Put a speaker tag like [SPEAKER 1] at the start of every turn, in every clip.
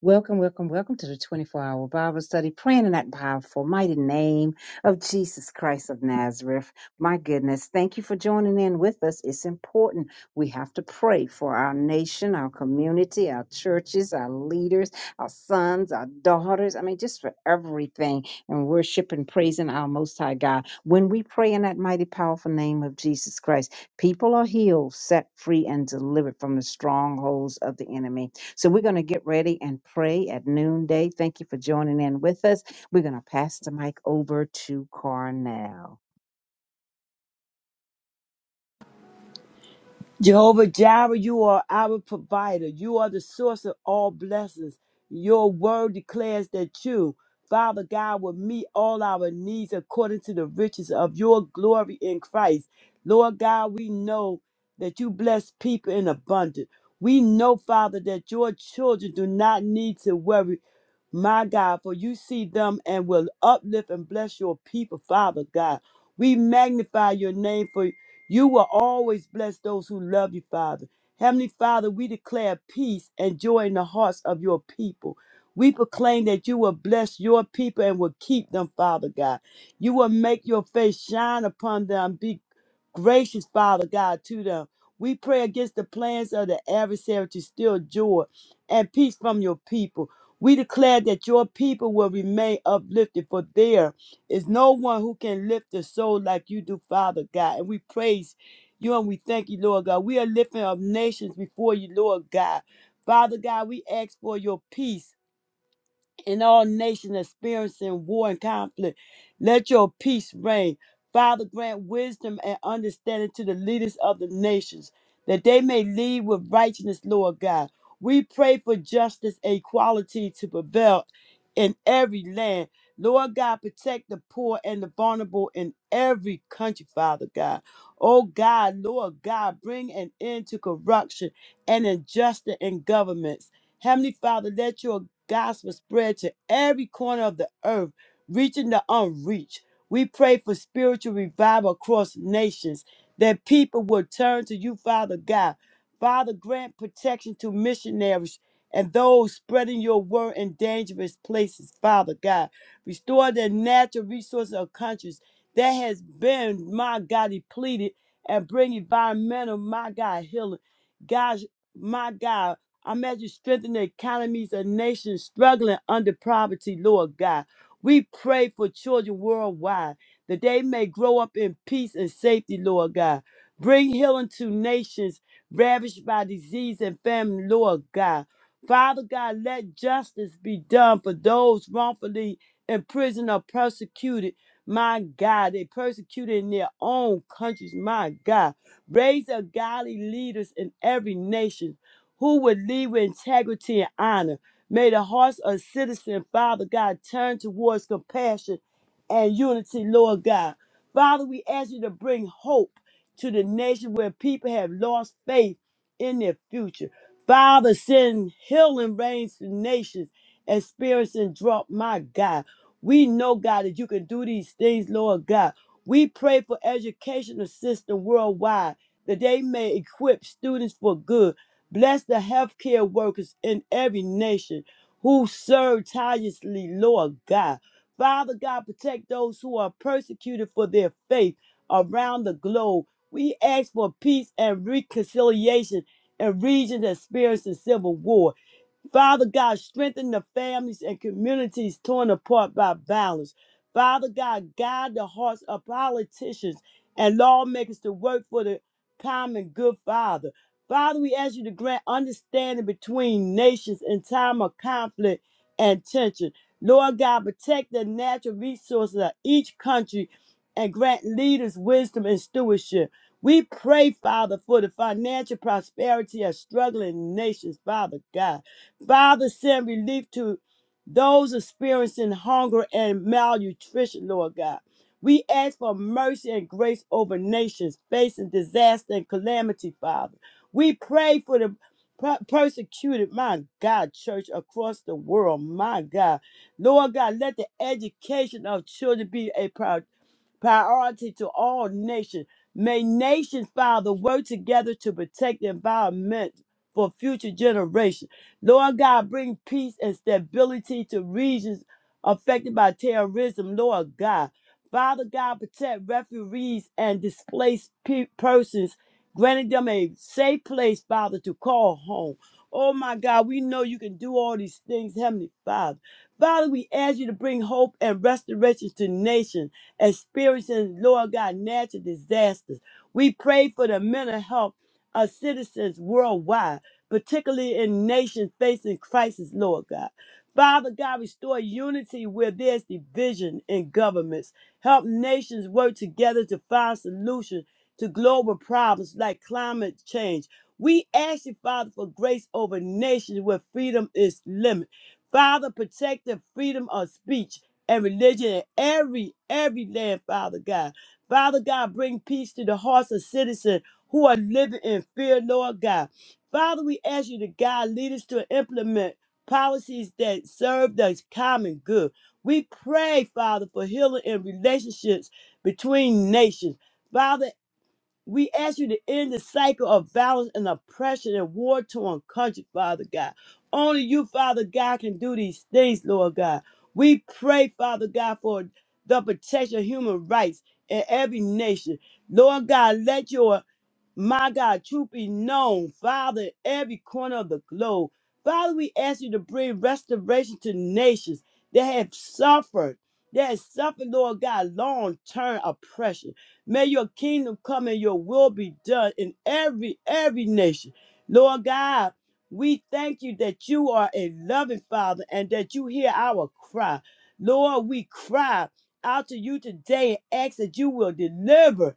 [SPEAKER 1] Welcome, welcome, welcome to the 24 hour Bible study, praying in that powerful, mighty name of Jesus Christ of Nazareth. My goodness, thank you for joining in with us. It's important. We have to pray for our nation, our community, our churches, our leaders, our sons, our daughters. I mean, just for everything and worship and praising our Most High God. When we pray in that mighty, powerful name of Jesus Christ, people are healed, set free, and delivered from the strongholds of the enemy. So we're going to get ready and pray at noonday. Thank you for joining in with us. We're going to pass the mic over to Carnell.
[SPEAKER 2] Jehovah Jireh, you are our provider. You are the source of all blessings. Your word declares that you, Father God, will meet all our needs according to the riches of your glory in Christ. Lord God, we know that you bless people in abundance. We know, Father, that your children do not need to worry my God, for you see them and will uplift and bless your people, Father God. We magnify your name for you will always bless those who love you, Father. Heavenly Father, we declare peace and joy in the hearts of your people. We proclaim that you will bless your people and will keep them, Father God. You will make your face shine upon them. Be gracious, Father God, to them. We pray against the plans of the adversary to steal joy and peace from your people. We declare that your people will remain uplifted for there there's no one who can lift the soul like you do, Father God. And we praise you and we thank you, Lord God. We are lifting up nations before you, Lord God. Father God, we ask for your peace and all nations experiencing war and conflict. Let your peace reign. Father, grant wisdom and understanding to the leaders of the nations, that they may lead with righteousness, Lord God. We pray for justice and equality to prevail in every land. Lord God, protect the poor and the vulnerable in every country, Father God. Oh God, Lord God, bring an end to corruption and injustice in governments. Heavenly Father, let your gospel spread to every corner of the earth, reaching the unreached. We pray for spiritual revival across nations, that people will turn to you, Father God. Father, grant protection to missionaries and those spreading your word in dangerous places, Father God. Restore the natural resources of countries that has been, my God, depleted and bring environmental, my God, healing. God, my God. I measure strengthen the economies of nations struggling under poverty, Lord God. We pray for children worldwide that they may grow up in peace and safety, Lord God. Bring healing to nations ravaged by disease and famine, Lord God. Father God, let justice be done for those wrongfully imprisoned or persecuted. My God, they persecuted in their own countries. My God, raise up godly leaders in every nation who would lead with integrity and honor. May the hearts of citizens, Father God, turn towards compassion and unity, Lord God. Father, we ask you to bring hope to the nation where people have lost faith in their future. Father, send healing rains to nations experiencing drought, my God. We know, God, that you can do these things, Lord God. We pray for educational system worldwide that they may equip students for good Bless the healthcare workers in every nation who serve tirelessly, Lord God. Father God, protect those who are persecuted for their faith around the globe. We ask for peace and reconciliation in regions experiencing civil war. Father God, strengthen the families and communities torn apart by violence. Father God, guide the hearts of politicians and lawmakers to work for the common good, Father. Father, we ask you to grant understanding between nations in time of conflict and tension. Lord God, protect the natural resources of each country and grant leaders wisdom and stewardship. We pray, Father, for the financial prosperity of struggling nations, Father God. Father, send relief to those experiencing hunger and malnutrition, Lord God. We ask for mercy and grace over nations facing disaster and calamity, Father. We pray for the per- persecuted, my God, church across the world, my God. Lord God, let the education of children be a priority priority to all nations. May nations, Father, work together to protect the environment for future generations. Lord God, bring peace and stability to regions affected by terrorism, Lord God. Father God, protect refugees and displaced pe- persons, granting them a safe place, Father, to call home. Oh my God, we know you can do all these things, Heavenly Father. Father, we ask you to bring hope and restoration to nations experiencing, Lord God, natural disasters. We pray for the mental health of citizens worldwide, particularly in nations facing crisis, Lord God. Father God, restore unity where there's division in governments. Help nations work together to find solutions to global problems like climate change. We ask you, Father, for grace over nations where freedom is limited. Father, protect the freedom of speech and religion in every every land, Father God. Father God, bring peace to the hearts of citizens who are living in fear, Lord God. Father, we ask you to guide leaders to implement policies that serve the common good. We pray, Father, for healing in relationships between nations. Father, we ask you to end the cycle of violence and oppression and war torn country, Father God. Only you, Father God, can do these things, Lord God. We pray, Father God, for the protection of human rights in every nation. Lord God, let your my God, truth be known, Father, in every corner of the globe. Father, we ask you to bring restoration to nations that have suffered, that have suffered, Lord God, long term oppression. May your kingdom come and your will be done in every, every nation. Lord God, we thank you that you are a loving Father and that you hear our cry. Lord, we cry out to you today and ask that you will deliver.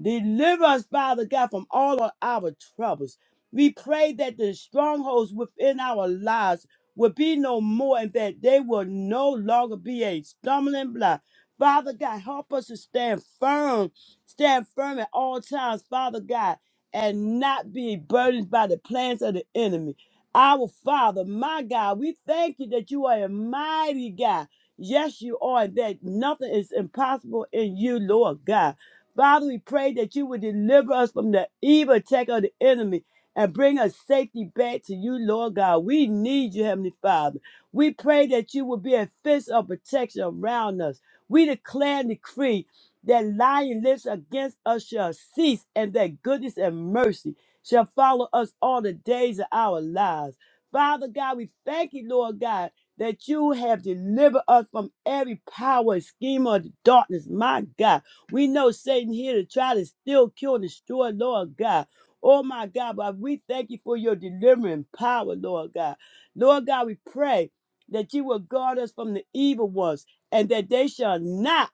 [SPEAKER 2] Deliver us, Father God, from all of our troubles. We pray that the strongholds within our lives will be no more and that they will no longer be a stumbling block. Father God, help us to stand firm, stand firm at all times, Father God, and not be burdened by the plans of the enemy. Our Father, my God, we thank you that you are a mighty God. Yes, you are, and that nothing is impossible in you, Lord God. Father, we pray that you would deliver us from the evil attack of the enemy and bring us safety back to you, Lord God. We need you, Heavenly Father. We pray that you will be a fence of protection around us. We declare and decree that lying lips against us shall cease and that goodness and mercy shall follow us all the days of our lives. Father God, we thank you, Lord God, that you have delivered us from every power and scheme of darkness, my God. We know Satan here to try to steal, kill, and destroy, Lord God. Oh my God, but we thank you for your delivering power, Lord God. Lord God, we pray that you will guard us from the evil ones and that they shall not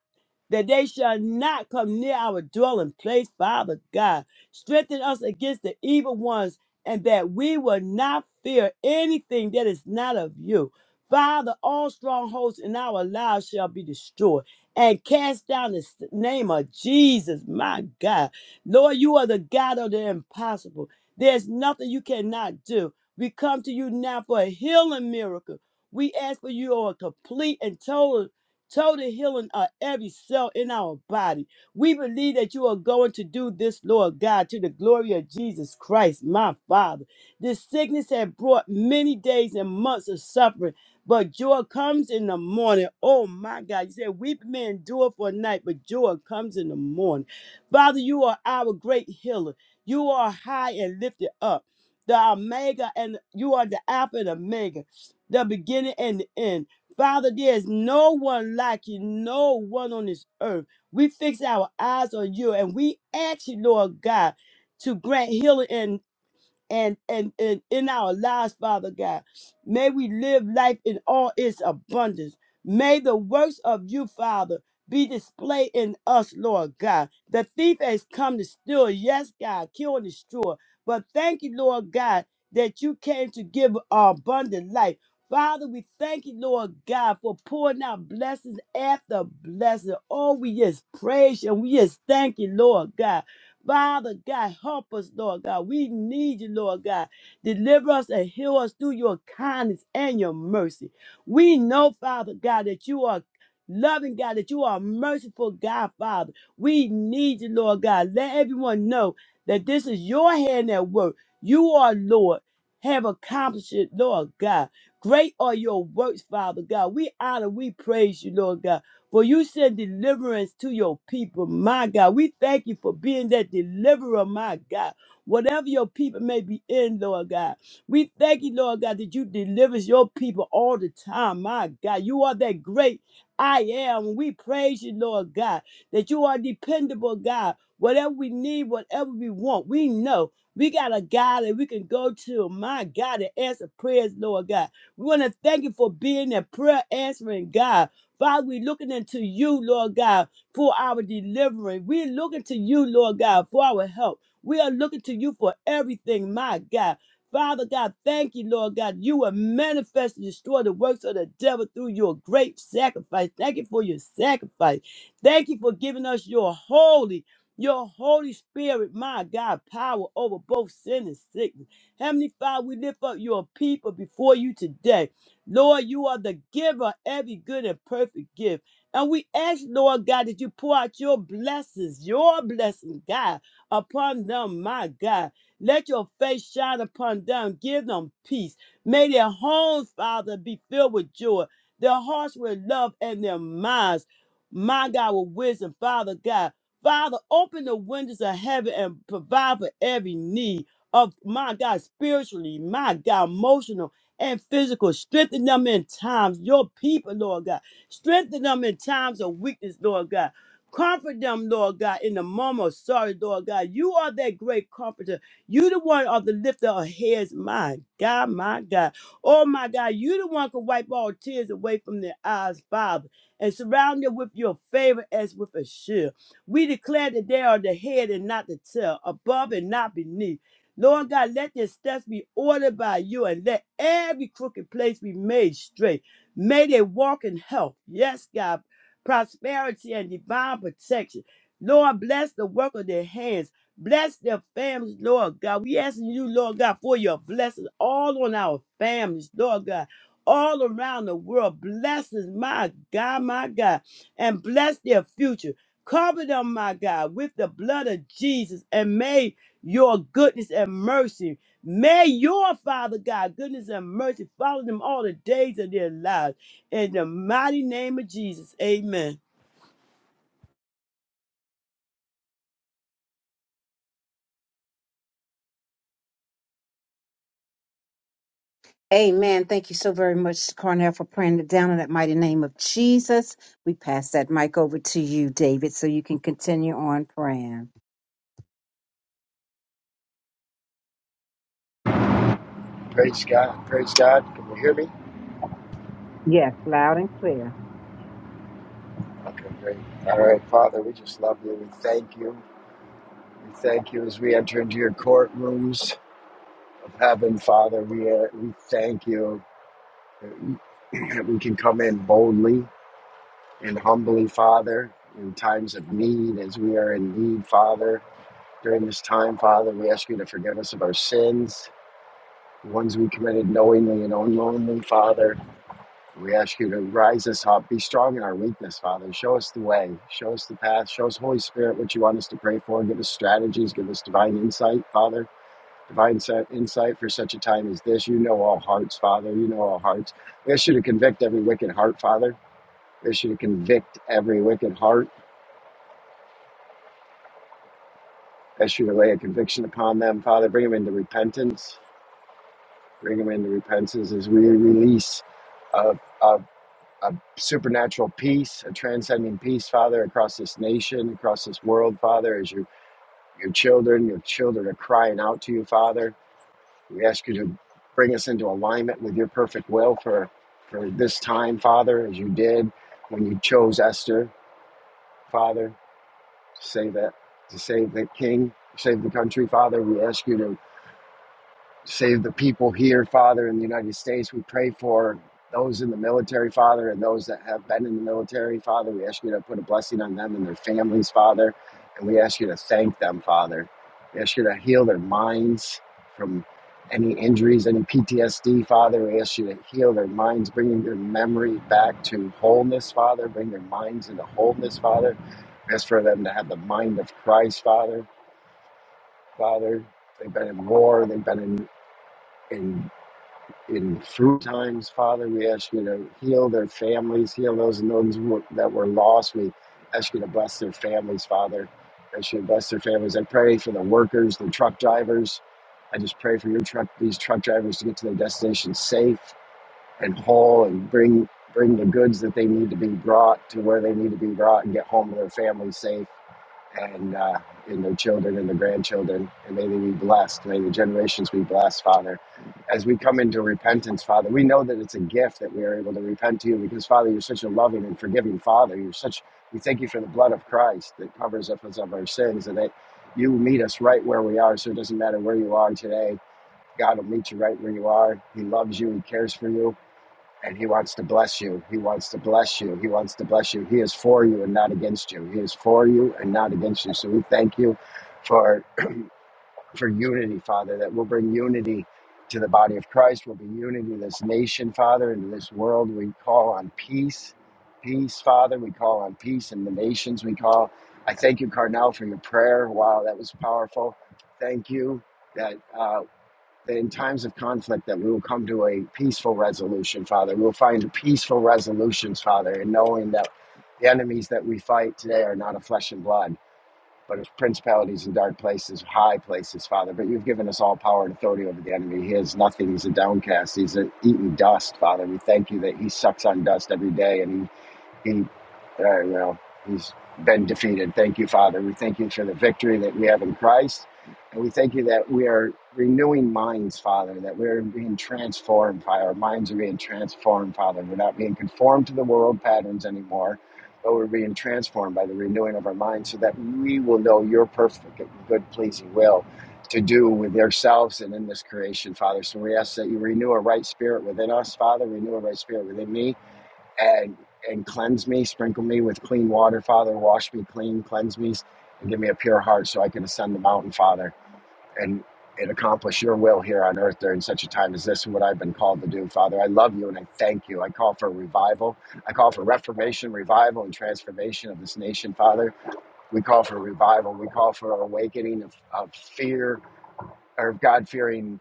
[SPEAKER 2] that they shall not come near our dwelling place, Father God. Strengthen us against the evil ones, and that we will not fear anything that is not of you. Father, all strongholds in our lives shall be destroyed and cast down the s- name of Jesus, my God. Lord, you are the God of the impossible. There's nothing you cannot do. We come to you now for a healing miracle. We ask for your complete and total, total healing of every cell in our body. We believe that you are going to do this, Lord God, to the glory of Jesus Christ, my Father. This sickness had brought many days and months of suffering but joy comes in the morning. Oh my God. You said, Weep may endure for a night, but joy comes in the morning. Father, you are our great healer. You are high and lifted up. The Omega, and you are the Alpha and Omega, the beginning and the end. Father, there is no one like you, no one on this earth. We fix our eyes on you and we ask you, Lord God, to grant healing and and and in our lives, Father God. May we live life in all its abundance. May the works of you, Father, be displayed in us, Lord God. The thief has come to steal, yes, God, kill and destroy. But thank you, Lord God, that you came to give our abundant life. Father, we thank you, Lord God, for pouring out blessings after blessing. Oh, we just praise you and we just thank you, Lord God. Father God, help us, Lord God. We need you, Lord God. Deliver us and heal us through your kindness and your mercy. We know, Father God, that you are loving God, that you are a merciful God, Father. We need you, Lord God. Let everyone know that this is your hand at work. You are Lord. Have accomplished it, Lord God. Great are your works, Father God. We honor, we praise you, Lord God. For you send deliverance to your people, my God. We thank you for being that deliverer, my God. Whatever your people may be in, Lord God. We thank you, Lord God, that you deliver your people all the time, my God. You are that great I am. We praise you, Lord God, that you are dependable, God. Whatever we need, whatever we want, we know. We got a God that we can go to, my God, to answer prayers, Lord God. We want to thank you for being a prayer answering God. Father, we're looking into you, Lord God, for our delivery. We're looking to you, Lord God, for our help. We are looking to you for everything, my God. Father God, thank you, Lord God. You will manifest and destroy the works of the devil through your great sacrifice. Thank you for your sacrifice. Thank you for giving us your holy, your Holy Spirit, my God, power over both sin and sickness. Heavenly Father, we lift up your people before you today. Lord, you are the giver of every good and perfect gift. And we ask, Lord God, that you pour out your blessings, your blessings, God, upon them, my God. Let your face shine upon them. Give them peace. May their homes, Father, be filled with joy, their hearts with love, and their minds, my God, with wisdom, Father God. Father, open the windows of heaven and provide for every need of my God, spiritually, my God, emotional and physical. Strengthen them in times. Your people, Lord God. Strengthen them in times of weakness, Lord God. Comfort them, Lord God, in the moment of sorrow, Lord God. You are that great comforter. You the one of the lifter of heads, my God, my God. Oh my God, you the one can wipe all tears away from their eyes, Father, and surround them with your favor as with a shield. We declare that they are the head and not the tail, above and not beneath. Lord God, let their steps be ordered by you and let every crooked place be made straight. May they walk in health. Yes, God, prosperity and divine protection. Lord, bless the work of their hands. Bless their families, Lord God. We asking you, Lord God, for your blessings all on our families, Lord God, all around the world. Blessings, my God, my God, and bless their future. Cover them, my God, with the blood of Jesus and may your goodness and mercy. May your Father God, goodness and mercy follow them all the days of their lives. In the mighty name of Jesus, amen.
[SPEAKER 1] Amen. Thank you so very much, Carnell, for praying it down in that mighty name of Jesus. We pass that mic over to you, David, so you can continue on praying.
[SPEAKER 3] Praise God. Praise God. Can you hear me?
[SPEAKER 1] Yes, loud and clear.
[SPEAKER 3] Okay, great. All right, Father, we just love you. We thank you. We thank you as we enter into your courtrooms of heaven, Father. We, uh, we thank you that we that we can come in boldly and humbly, Father, in times of need, as we are in need, Father. During this time, Father, we ask you to forgive us of our sins, the ones we committed knowingly and unknowingly, Father. We ask you to rise us up, be strong in our weakness, Father. Show us the way, show us the path, show us, Holy Spirit, what you want us to pray for. Give us strategies, give us divine insight, Father. Divine si-, insight for such a time as this. You know all hearts, Father. You know all hearts. We ask you to convict every wicked heart, Father. We ask you to convict every wicked heart. We ask you to lay a conviction upon them, Father. Bring them into repentance. Bring them into repentance as we release a, a a supernatural peace, a transcending peace, Father, across this nation, across this world, Father, as your, your children, your children are crying out to you, Father. We ask you to bring us into alignment with your perfect will for, for this time, Father, as you did when you chose Esther, Father, to save that, to save the king, save the country, Father. We ask you to save the people here, Father, in the United States. We pray for those in the military, Father, and those that have been in the military, Father. We ask you to put a blessing on them and their families, Father. And we ask you to thank them, Father. We ask you to heal their minds from any injuries, any PTSD, Father. We ask you to heal their minds, bringing their memory back to wholeness, Father. Bring their minds into wholeness, Father. We ask for them to have the mind of Christ, Father. Father, they've been in war, they've been in. in in through times, Father. We ask you to heal their families, heal those and those who- that were lost. We ask you to bless their families, Father. Ask you to bless their families. I pray for the workers, the truck drivers. I just pray for your truck, these truck drivers to get to their destination safe and whole, and bring bring the goods that they need to be brought to where they need to be brought, and get home to their families safe and uh, and their children and their grandchildren. And may they be blessed. May the generations be blessed, Father. As we come into repentance, Father, we know that it's a gift that we are able to repent to you because, Father, you're such a loving and forgiving Father. You're such. We thank you for the blood of Christ that covers us of our sins, and that you meet us right where we are. So it doesn't matter where you are today. God will meet you right where you are. He loves you. He cares for you and he wants to bless you. He wants to bless you. He wants to bless you. He is for you and not against you. He is for you and not against you. So we thank you for for unity, Father, that will bring unity to the body of Christ. We'll bring unity to this nation, Father, and to this world. We call on peace, peace, Father. We call on peace in the nations. We call. I thank you, Carnell, for your prayer. Wow, that was powerful. Thank you. That uh, that in times of conflict that we will come to a peaceful resolution, Father. We'll find peaceful resolutions, Father, and knowing that the enemies that we fight today are not of flesh and blood, but of principalities and dark places, high places, Father. But you've given us all power and authority over the enemy. He is nothing. He's a downcast. He's a eating dust, Father. We thank you that he sucks on dust every day and he he, uh, you know, he's been defeated. Thank you, Father. We thank you for the victory that we have in Christ. And we thank you that we are renewing minds, Father, that we're being transformed, Father. Our minds are being transformed, Father. We're not being conformed to the world patterns anymore, but we're being transformed by the renewing of our minds so that we will know your perfect, and good, pleasing will to do with ourselves and in this creation, Father. So we ask that you renew a right spirit within us, Father, renew a right spirit within me and and cleanse me, sprinkle me with clean water, Father, wash me clean, cleanse me, and give me a pure heart so I can ascend the mountain, Father, and and accomplish your will here on earth during such a time as this and what I've been called to do, Father. I love you and I thank you. I call for revival. I call for reformation, revival, and transformation of this nation, Father. We call for revival. We call for awakening of, of fear or God fearing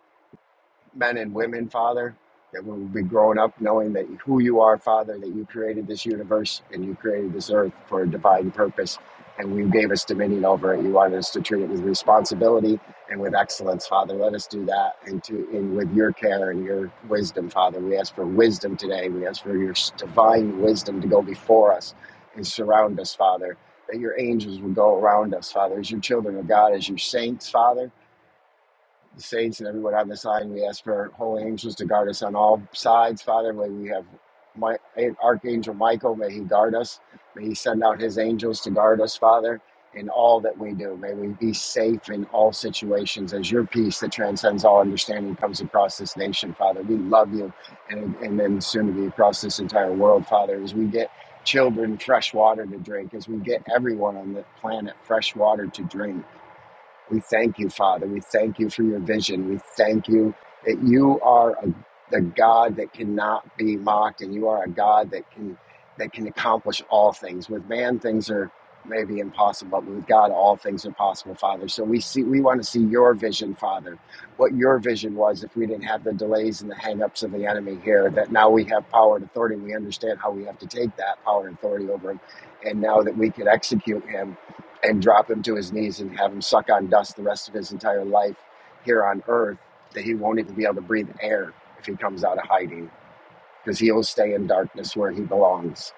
[SPEAKER 3] men and women, Father, that we will be growing up knowing that who you are, Father, that you created this universe and you created this earth for a divine purpose, and you gave us dominion over it. You wanted us to treat it with responsibility and with excellence, Father. Let us do that, and to and with your care and your wisdom, Father. We ask for wisdom today. We ask for your divine wisdom to go before us and surround us, Father. That your angels will go around us, Father, as your children of God, as your saints, Father the saints and everyone on this line. We ask for holy angels to guard us on all sides, Father. May we have my Archangel Michael, may he guard us. May he send out his angels to guard us, Father, in all that we do. May we be safe in all situations as your peace that transcends all understanding comes across this nation, Father. We love you and, and then soon to be across this entire world, Father, as we get children fresh water to drink, as we get everyone on the planet fresh water to drink we thank you, Father. We thank you for your vision. We thank you that you are a, the God that cannot be mocked, and you are a God that can that can accomplish all things. With man, things are maybe impossible, but with God, all things are possible, Father. So we see we want to see your vision, Father. What your vision was, if we didn't have the delays and the hangups of the enemy here, that now we have power and authority. We understand how we have to take that power and authority over him, and now that we could execute him and drop him to his knees and have him suck on dust the rest of his entire life here on earth that he won't even be able to breathe air if he comes out of hiding because he'll stay in darkness where he belongs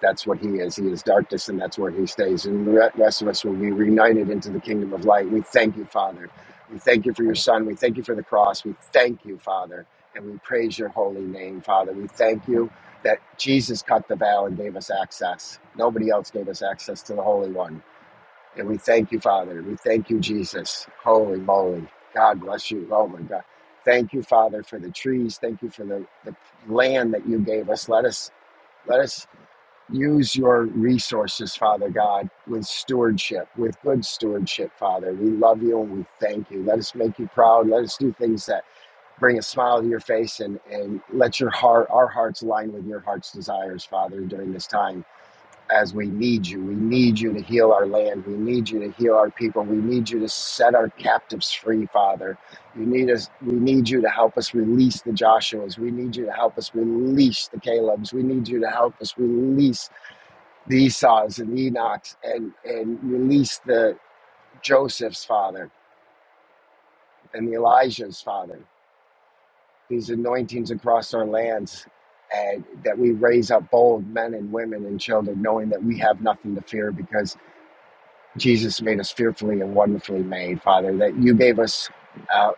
[SPEAKER 3] that's what he is he is darkness and that's where he stays and the rest of us will be reunited into the kingdom of light we thank you father we thank you for your son we thank you for the cross we thank you father and we praise your holy name father we thank you that jesus cut the veil and gave us access nobody else gave us access to the holy one and we thank you, Father. We thank you, Jesus. Holy moly. God bless you. Oh my God. Thank you, Father, for the trees. Thank you for the, the land that you gave us. Let us let us use your resources, Father God, with stewardship, with good stewardship, Father. We love you and we thank you. Let us make you proud. Let us do things that bring a smile to your face and, and let your heart our hearts align with your heart's desires, Father, during this time as we need you. We need you to heal our land. We need you to heal our people. We need you to set our captives free, Father. You need us we need you to help us release the Joshuas. We need you to help us release the Calebs. We need you to help us release the Esau's and Enoch's and, and release the Joseph's Father and the Elijah's Father. These anointings across our lands. And that we raise up bold men and women and children, knowing that we have nothing to fear because Jesus made us fearfully and wonderfully made, Father, that you gave us. Uh,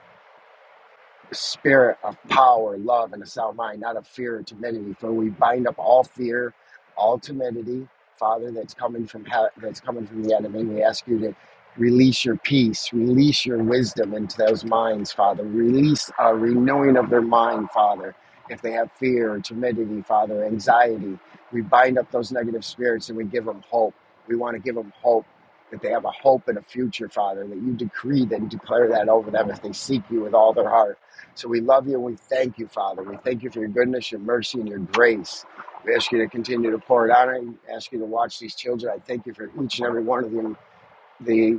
[SPEAKER 3] spirit of power, love, and a sound mind, not of fear or timidity. For we bind up all fear, all timidity, Father, that's coming from he- that's coming from the enemy. We ask you to release your peace, release your wisdom into those minds, Father. Release a renewing of their mind, Father. If they have fear or timidity, Father, anxiety, we bind up those negative spirits and we give them hope. We want to give them hope that they have a hope and a future, Father, that you decree that and declare that over them if they seek you with all their heart. So we love you and we thank you, Father. We thank you for your goodness, your mercy, and your grace. We ask you to continue to pour it out and ask you to watch these children. I thank you for each and every one of them, the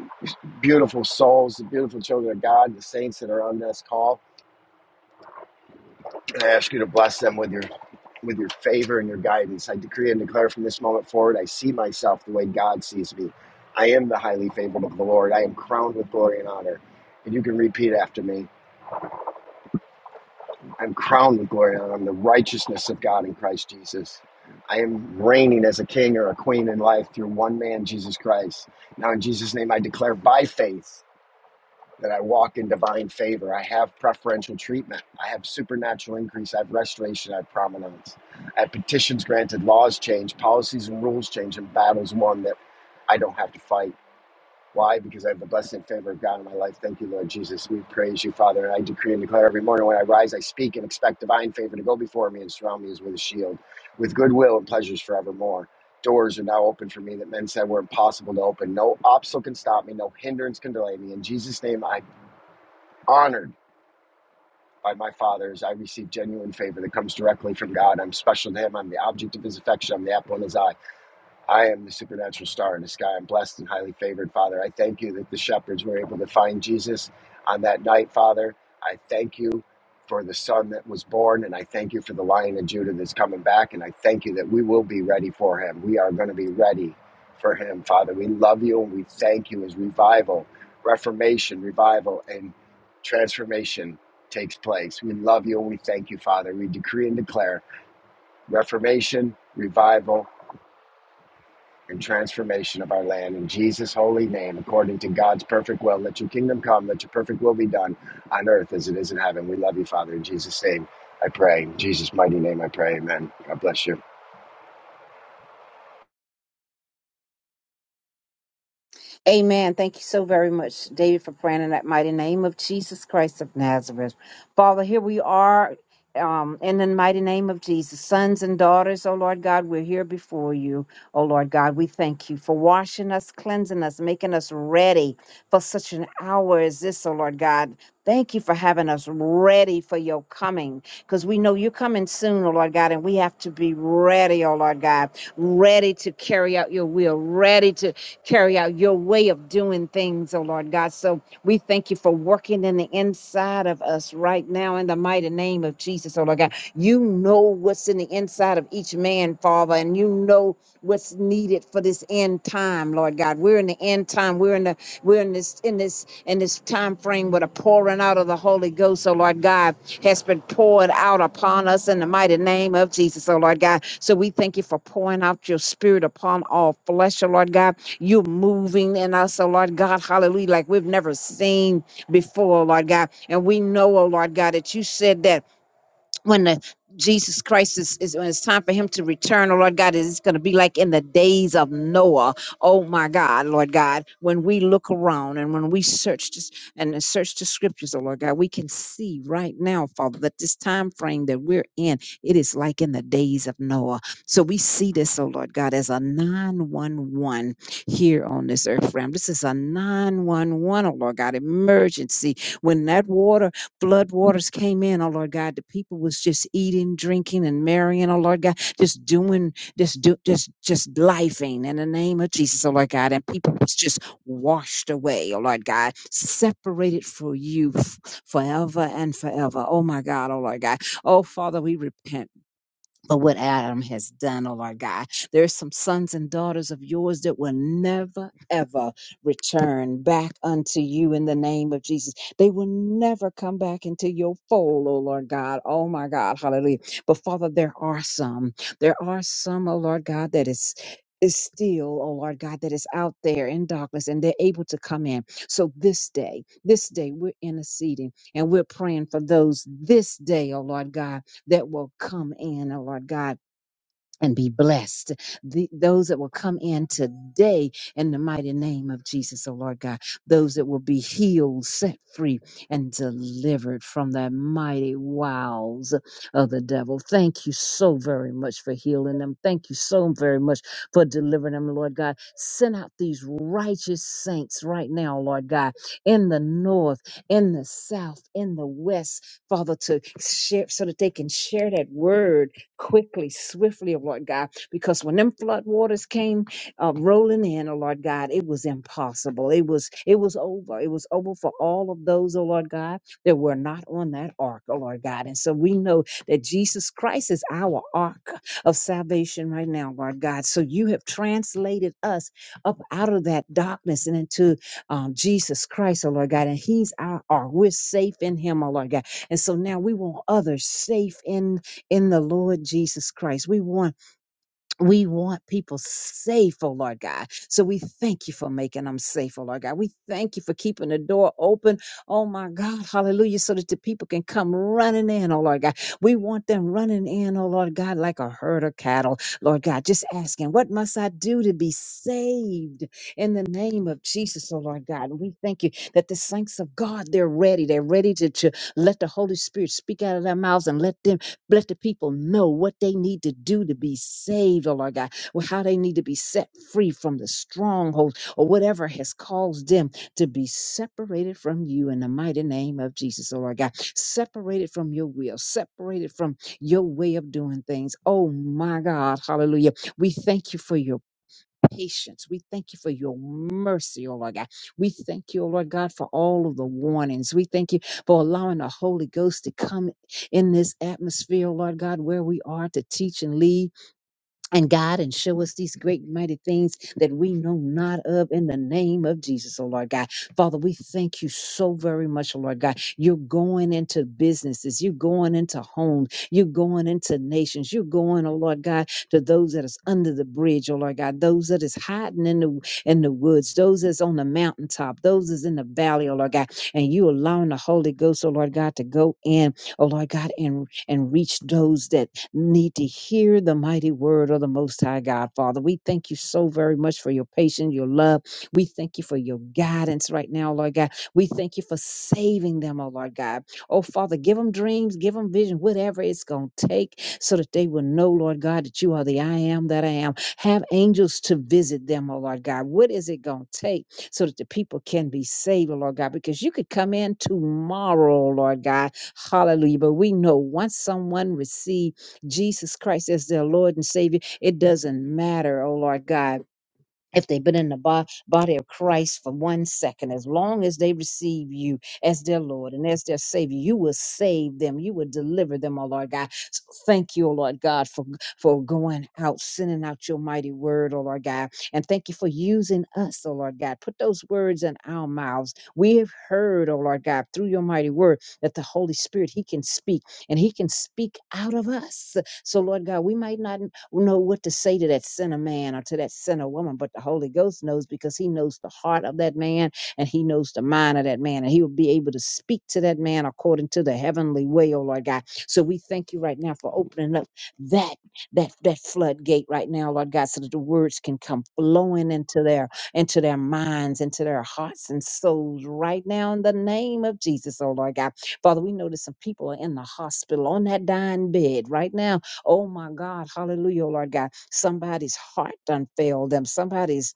[SPEAKER 3] beautiful souls, the beautiful children of God, the saints that are on this call. And I ask you to bless them with your with your favor and your guidance. I decree and declare from this moment forward, I see myself the way God sees me. I am the highly favored of the Lord. I am crowned with glory and honor. And you can repeat after me. I'm crowned with glory and I'm the righteousness of God in Christ Jesus. I am reigning as a king or a queen in life through one man, Jesus Christ. Now, in Jesus' name, I declare by faith that I walk in divine favor. I have preferential treatment. I have supernatural increase. I have restoration. I have prominence. I have petitions granted, laws changed, policies and rules changed, and battles won that I don't have to fight. Why? Because I have the blessing and favor of God in my life. Thank you, Lord Jesus. We praise you, Father. And I decree and declare every morning when I rise, I speak and expect divine favor to go before me and surround me as with a shield, with goodwill and pleasures forevermore. Doors are now open for me that men said were impossible to open. No obstacle can stop me. No hindrance can delay me. In Jesus' name, I'm honored by my Father as I receive genuine favor that comes directly from God. I'm special to Him. I'm the object of His affection. I'm the apple in His eye. I am the supernatural star in the sky. I'm blessed and highly favored, Father. I thank you that the shepherds were able to find Jesus on that night, Father. I thank you for the son that was born, and I thank you for the lion of Judah that's coming back, and I thank you that we will be ready for him. We are going to be ready for him, Father. We love you and we thank you as revival, reformation, revival, and transformation takes place. We love you and we thank you, Father. We decree and declare reformation, revival, and transformation of our land. In Jesus' holy name, according to God's perfect will, let your kingdom come, let your perfect will be done on earth as it is in heaven. We love you, Father. In Jesus' name, I pray. In Jesus' mighty name, I pray. Amen. God bless you.
[SPEAKER 1] Amen. Thank you so very much, David, for praying in that mighty name of Jesus Christ of Nazareth. Father, here we are um, in the mighty name of Jesus. Sons and daughters, oh Lord God, we're here before you. Oh Lord God, we thank you for washing us, cleansing us, making us ready for such an hour as this, oh Lord God. Thank you for having us ready for your coming because we know you're coming soon, oh Lord God, and we have to be ready, oh Lord God, ready to carry out your will, ready to carry out your way of doing things, oh Lord God. So we thank you for working in the inside of us right now in the mighty name of Jesus, oh Lord God. You know what's in the inside of each man, Father, and you know what's needed for this end time, Lord God. We're in the end time. We're in the we're in this in this in this time frame where the pouring out of the Holy Ghost, oh Lord God, has been poured out upon us in the mighty name of Jesus, oh Lord God. So we thank you for pouring out your spirit upon all flesh, oh Lord God. You're moving in us, oh Lord God, hallelujah, like we've never seen before, oh Lord God. And we know, oh Lord God, that you said that when the Jesus Christ is, is when it's time for him to return, oh Lord God, it's going to be like in the days of Noah. Oh my God, Lord God, when we look around and when we search this and search the scriptures, oh Lord God, we can see right now, Father, that this time frame that we're in, it is like in the days of Noah. So we see this, oh Lord God, as a 911 here on this earth realm. This is a 911, oh Lord God, emergency when that water Flood waters came in, oh Lord God. The people was just eating, drinking, and marrying, oh Lord God, just doing, just do, just just lifing in the name of Jesus, oh Lord God. And people was just washed away, oh Lord God, separated for you f- forever and forever. Oh my God, oh Lord God. Oh Father, we repent but what Adam has done, oh Lord God. There's some sons and daughters of yours that will never, ever return back unto you in the name of Jesus. They will never come back into your fold, oh Lord God. Oh my God. Hallelujah. But Father, there are some. There are some, oh Lord God, that is is still, oh Lord God, that is out there in darkness and they're able to come in. So this day, this day, we're interceding and we're praying for those this day, oh Lord God that will come in, oh Lord God and be blessed. The, those that will come in today in the mighty name of Jesus, oh Lord God, those that will be healed, set free, and delivered from the mighty wiles of the devil. Thank you so very much for healing them. Thank you so very much for delivering them, Lord God. Send out these righteous saints right now, Lord God, in the north, in the south, in the west, Father, to share so that they can share that word quickly, swiftly, oh Lord God, because when them flood waters came uh, rolling in, oh Lord God, it was impossible. It was it was over. It was over for all of those, oh Lord God, that were not on that ark, oh Lord God. And so we know that Jesus Christ is our ark of salvation right now, Lord God. So you have translated us up out of that darkness and into um, Jesus Christ, oh Lord God, and He's our ark. We're safe in Him, oh Lord God. And so now we want others safe in in the Lord Jesus Christ. We want we want people safe, oh Lord God. So we thank you for making them safe, oh Lord God. We thank you for keeping the door open, oh my God, hallelujah, so that the people can come running in, oh Lord God. We want them running in, oh Lord God, like a herd of cattle, Lord God. Just asking, what must I do to be saved in the name of Jesus, oh Lord God? And we thank you that the saints of God, they're ready. They're ready to, to let the Holy Spirit speak out of their mouths and let them Bless the people know what they need to do to be saved, oh Lord God, or how they need to be set free from the strongholds or whatever has caused them to be separated from you in the mighty name of Jesus, oh Lord God. Separated from your will, separated from your way of doing things. Oh my God, hallelujah. We thank you for your patience. We thank you for your mercy, O Lord God. We thank you, O Lord God, for all of the warnings. We thank you for allowing the Holy Ghost to come in this atmosphere, O Lord God, where we are to teach and lead and God and show us these great mighty things that we know not of in the name of Jesus, oh Lord God. Father, we thank you so very much, oh Lord God. You're going into businesses, you're going into homes, you're going into nations, you're going, oh Lord God, to those that is under the bridge, oh Lord God, those that is hiding in the in the woods, those that's on the mountaintop, those that's in the valley, oh Lord God. And you allowing the Holy Ghost, oh Lord God, to go in, oh Lord God, and and reach those that need to hear the mighty word of the Most High God, Father. We thank you so very much for your patience, your love. We thank you for your guidance right now, Lord God. We thank you for saving them, oh Lord God. Oh, Father, give them dreams, give them vision, whatever it's going to take so that they will know, Lord God, that you are the I am that I am. Have angels to visit them, oh Lord God. What is it going to take so that the people can be saved, oh Lord God? Because you could come in tomorrow, oh Lord God. Hallelujah. But we know once someone receives, Jesus Christ as their Lord and Savior. It doesn't matter, oh Lord God if they've been in the bo- body of Christ for one second, as long as they receive you as their Lord and as their Savior, you will save them. You will deliver them, oh Lord God. So thank you, oh Lord God, for, for going out, sending out your mighty word, oh Lord God. And thank you for using us, oh Lord God. Put those words in our mouths. We have heard, oh Lord God, through your mighty word that the Holy Spirit, He can speak and He can speak out of us. So, Lord God, we might not know what to say to that sinner man or to that sinner woman, but the Holy Ghost knows because he knows the heart of that man and he knows the mind of that man, and he will be able to speak to that man according to the heavenly way, oh Lord God. So we thank you right now for opening up that that that floodgate right now, Lord God, so that the words can come flowing into their into their minds, into their hearts and souls right now in the name of Jesus, oh Lord God. Father, we know that some people are in the hospital on that dying bed right now Oh my God, hallelujah, oh Lord God. Somebody's heart done failed them. Somebody's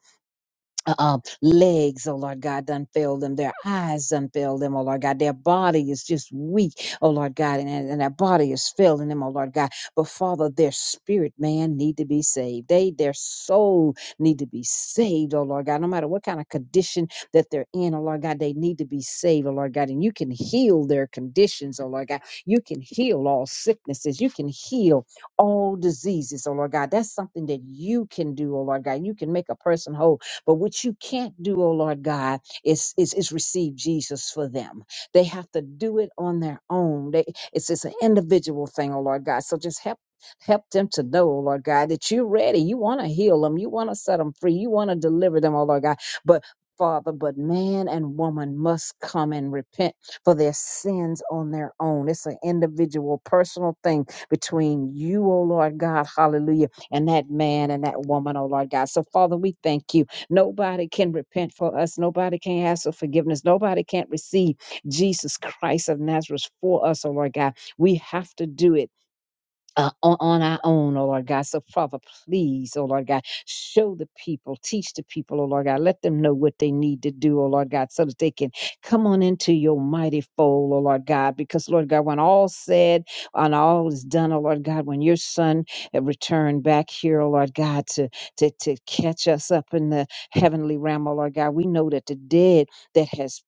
[SPEAKER 1] um, legs, oh Lord God, done failed them. Their eyes done failed them, oh Lord God. Their body is just weak, oh Lord God, and, and their body is failing them, oh Lord God. But Father, their spirit, man, need to be saved. They, their soul need to be saved, oh Lord God. No matter what kind of condition that they're in, oh Lord God, they need to be saved, oh Lord God. And you can heal their conditions, oh Lord God. You can heal all sicknesses. You can heal all diseases, oh Lord God. That's something that you can do, oh Lord God. You can make a person whole but what you can't do, oh Lord God, is is, is receive Jesus for them. They have to do it on their own. They, it's it's an individual thing, oh Lord God. So just help help them to know, oh Lord God, that you're ready. You want to heal them. You want to set them free. You want to deliver them, oh Lord God. But Father, but man and woman must come and repent for their sins on their own. It's an individual, personal thing between you, oh Lord God, hallelujah, and that man and that woman, oh Lord God. So, Father, we thank you. Nobody can repent for us. Nobody can ask for forgiveness. Nobody can receive Jesus Christ of Nazareth for us, oh Lord God. We have to do it uh, on, on our own, oh Lord God. So, Father, please, oh Lord God, show the people, teach the people, oh Lord God. Let them know what they need to do, oh Lord God, so that they can come on into your mighty fold, oh Lord God. Because, Lord God, when all said and all is done, oh Lord God, when your son uh, returned back here, oh Lord God, to, to, to catch us up in the heavenly realm, oh Lord God, we know that the dead that has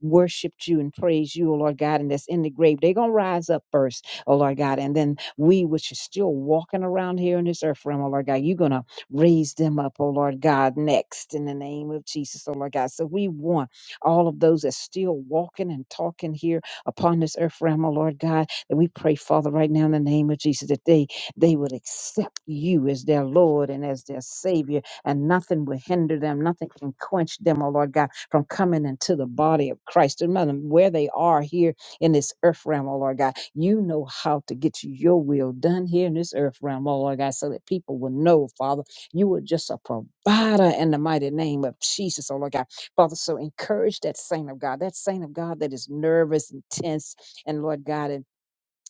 [SPEAKER 1] worshiped you and praised you, oh Lord God, and that's in the grave, they're going to rise up first oh Lord God. And then we, which are still walking around here in this earth realm, oh Lord God, you're going to raise them up, oh Lord God, next in the name of Jesus, oh Lord God. So we want all of those that's still walking and talking here upon this earth realm, oh Lord God, that we pray, Father, right now in the name of Jesus, that they they would accept you as their Lord and as their Savior, and nothing will hinder them, nothing can quench them, oh Lord God, from coming into the body of Christ. No matter where they are here in this earth realm, oh Lord God. You know how to get your will done here in this earth realm, oh Lord God, so that people will know, Father, you are just a provider in the mighty name of Jesus, oh Lord God. Father, so encourage that saint of God, that saint of God that is nervous and tense, and Lord God, and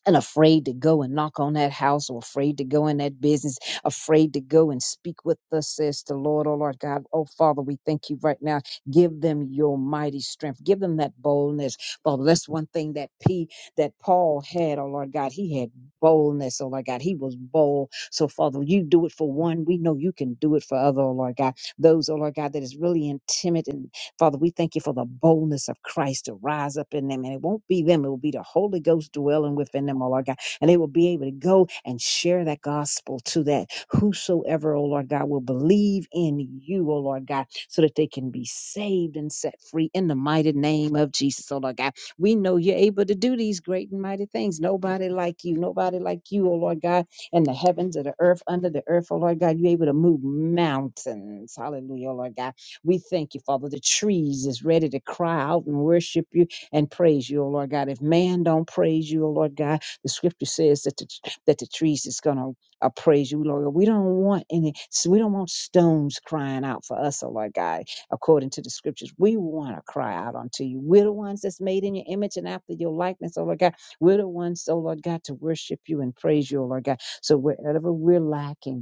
[SPEAKER 1] and afraid to go and knock on that house or afraid to go in that business, afraid to go and speak with us, says the Lord, oh Lord God. Oh Father, we thank you right now. Give them your mighty strength. Give them that boldness. Father, that's one thing that P that Paul had, oh Lord God. He had boldness, oh Lord God. He was bold. So Father, you do it for one. We know you can do it for other, oh Lord God. Those, oh Lord God, that is really intimidated Father, we thank you for the boldness of Christ to rise up in them. And it won't be them, it will be the Holy Ghost dwelling within them, oh Lord God. And they will be able to go and share that gospel to that whosoever, oh Lord God, will believe in you, oh Lord God, so that they can be saved and set free in the mighty name of Jesus, oh Lord God. We know you're able to do these great and mighty things. Nobody like you, nobody like you, oh Lord God, in the heavens or the earth, under the earth, oh Lord God. You're able to move mountains. Hallelujah, oh Lord God. We thank you, Father. The trees is ready to cry out and worship you and praise you, O Lord God. If man don't praise you, O Lord God, the scripture says that the, that the trees is going to uh, praise you, Lord. We don't want any, so we don't want stones crying out for us, oh Lord God, according to the scriptures. We want to cry out unto you. We're the ones that's made in your image and after your likeness, oh Lord God. We're the ones, oh Lord God, to worship you and praise you, oh Lord God. So wherever we're lacking,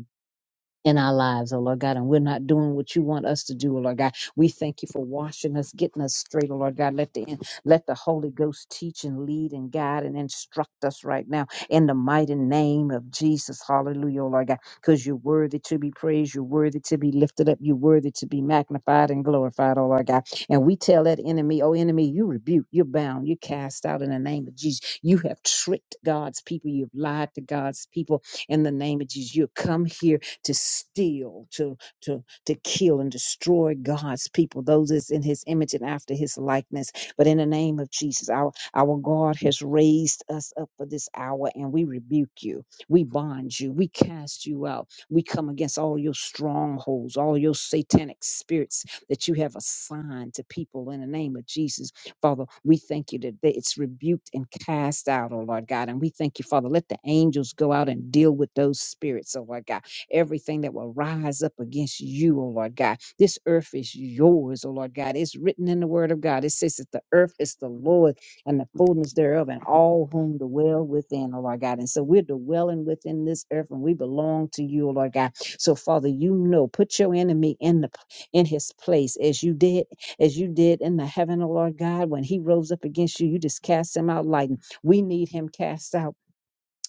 [SPEAKER 1] in our lives, oh Lord God, and we're not doing what you want us to do, oh Lord God. We thank you for washing us, getting us straight, oh Lord God. Let the let the Holy Ghost teach and lead and guide and instruct us right now in the mighty name of Jesus. Hallelujah, oh Lord God. Because you're worthy to be praised, you're worthy to be lifted up, you're worthy to be magnified and glorified, oh Lord God. And we tell that enemy, oh enemy, you rebuke, you're bound, you're cast out in the name of Jesus. You have tricked God's people, you've lied to God's people in the name of Jesus. You come here to steal, to to to kill and destroy God's people, those that's in his image and after his likeness. But in the name of Jesus, our our God has raised us up for this hour and we rebuke you. We bind you. We cast you out. We come against all your strongholds, all your satanic spirits that you have assigned to people in the name of Jesus. Father, we thank you that they- it's rebuked and cast out, oh Lord God. And we thank you, Father. Let the angels go out and deal with those spirits, oh Lord God everything that will rise up against you, O Lord God. This earth is yours, O Lord God. It's written in the word of God. It says that the earth is the Lord and the fullness thereof, and all whom dwell within, O Lord God. And so we're dwelling within this earth and we belong to you, O Lord God. So, Father, you know, put your enemy in the in his place as you did, as you did in the heaven, O Lord God. When he rose up against you, you just cast him out lightning. We need him cast out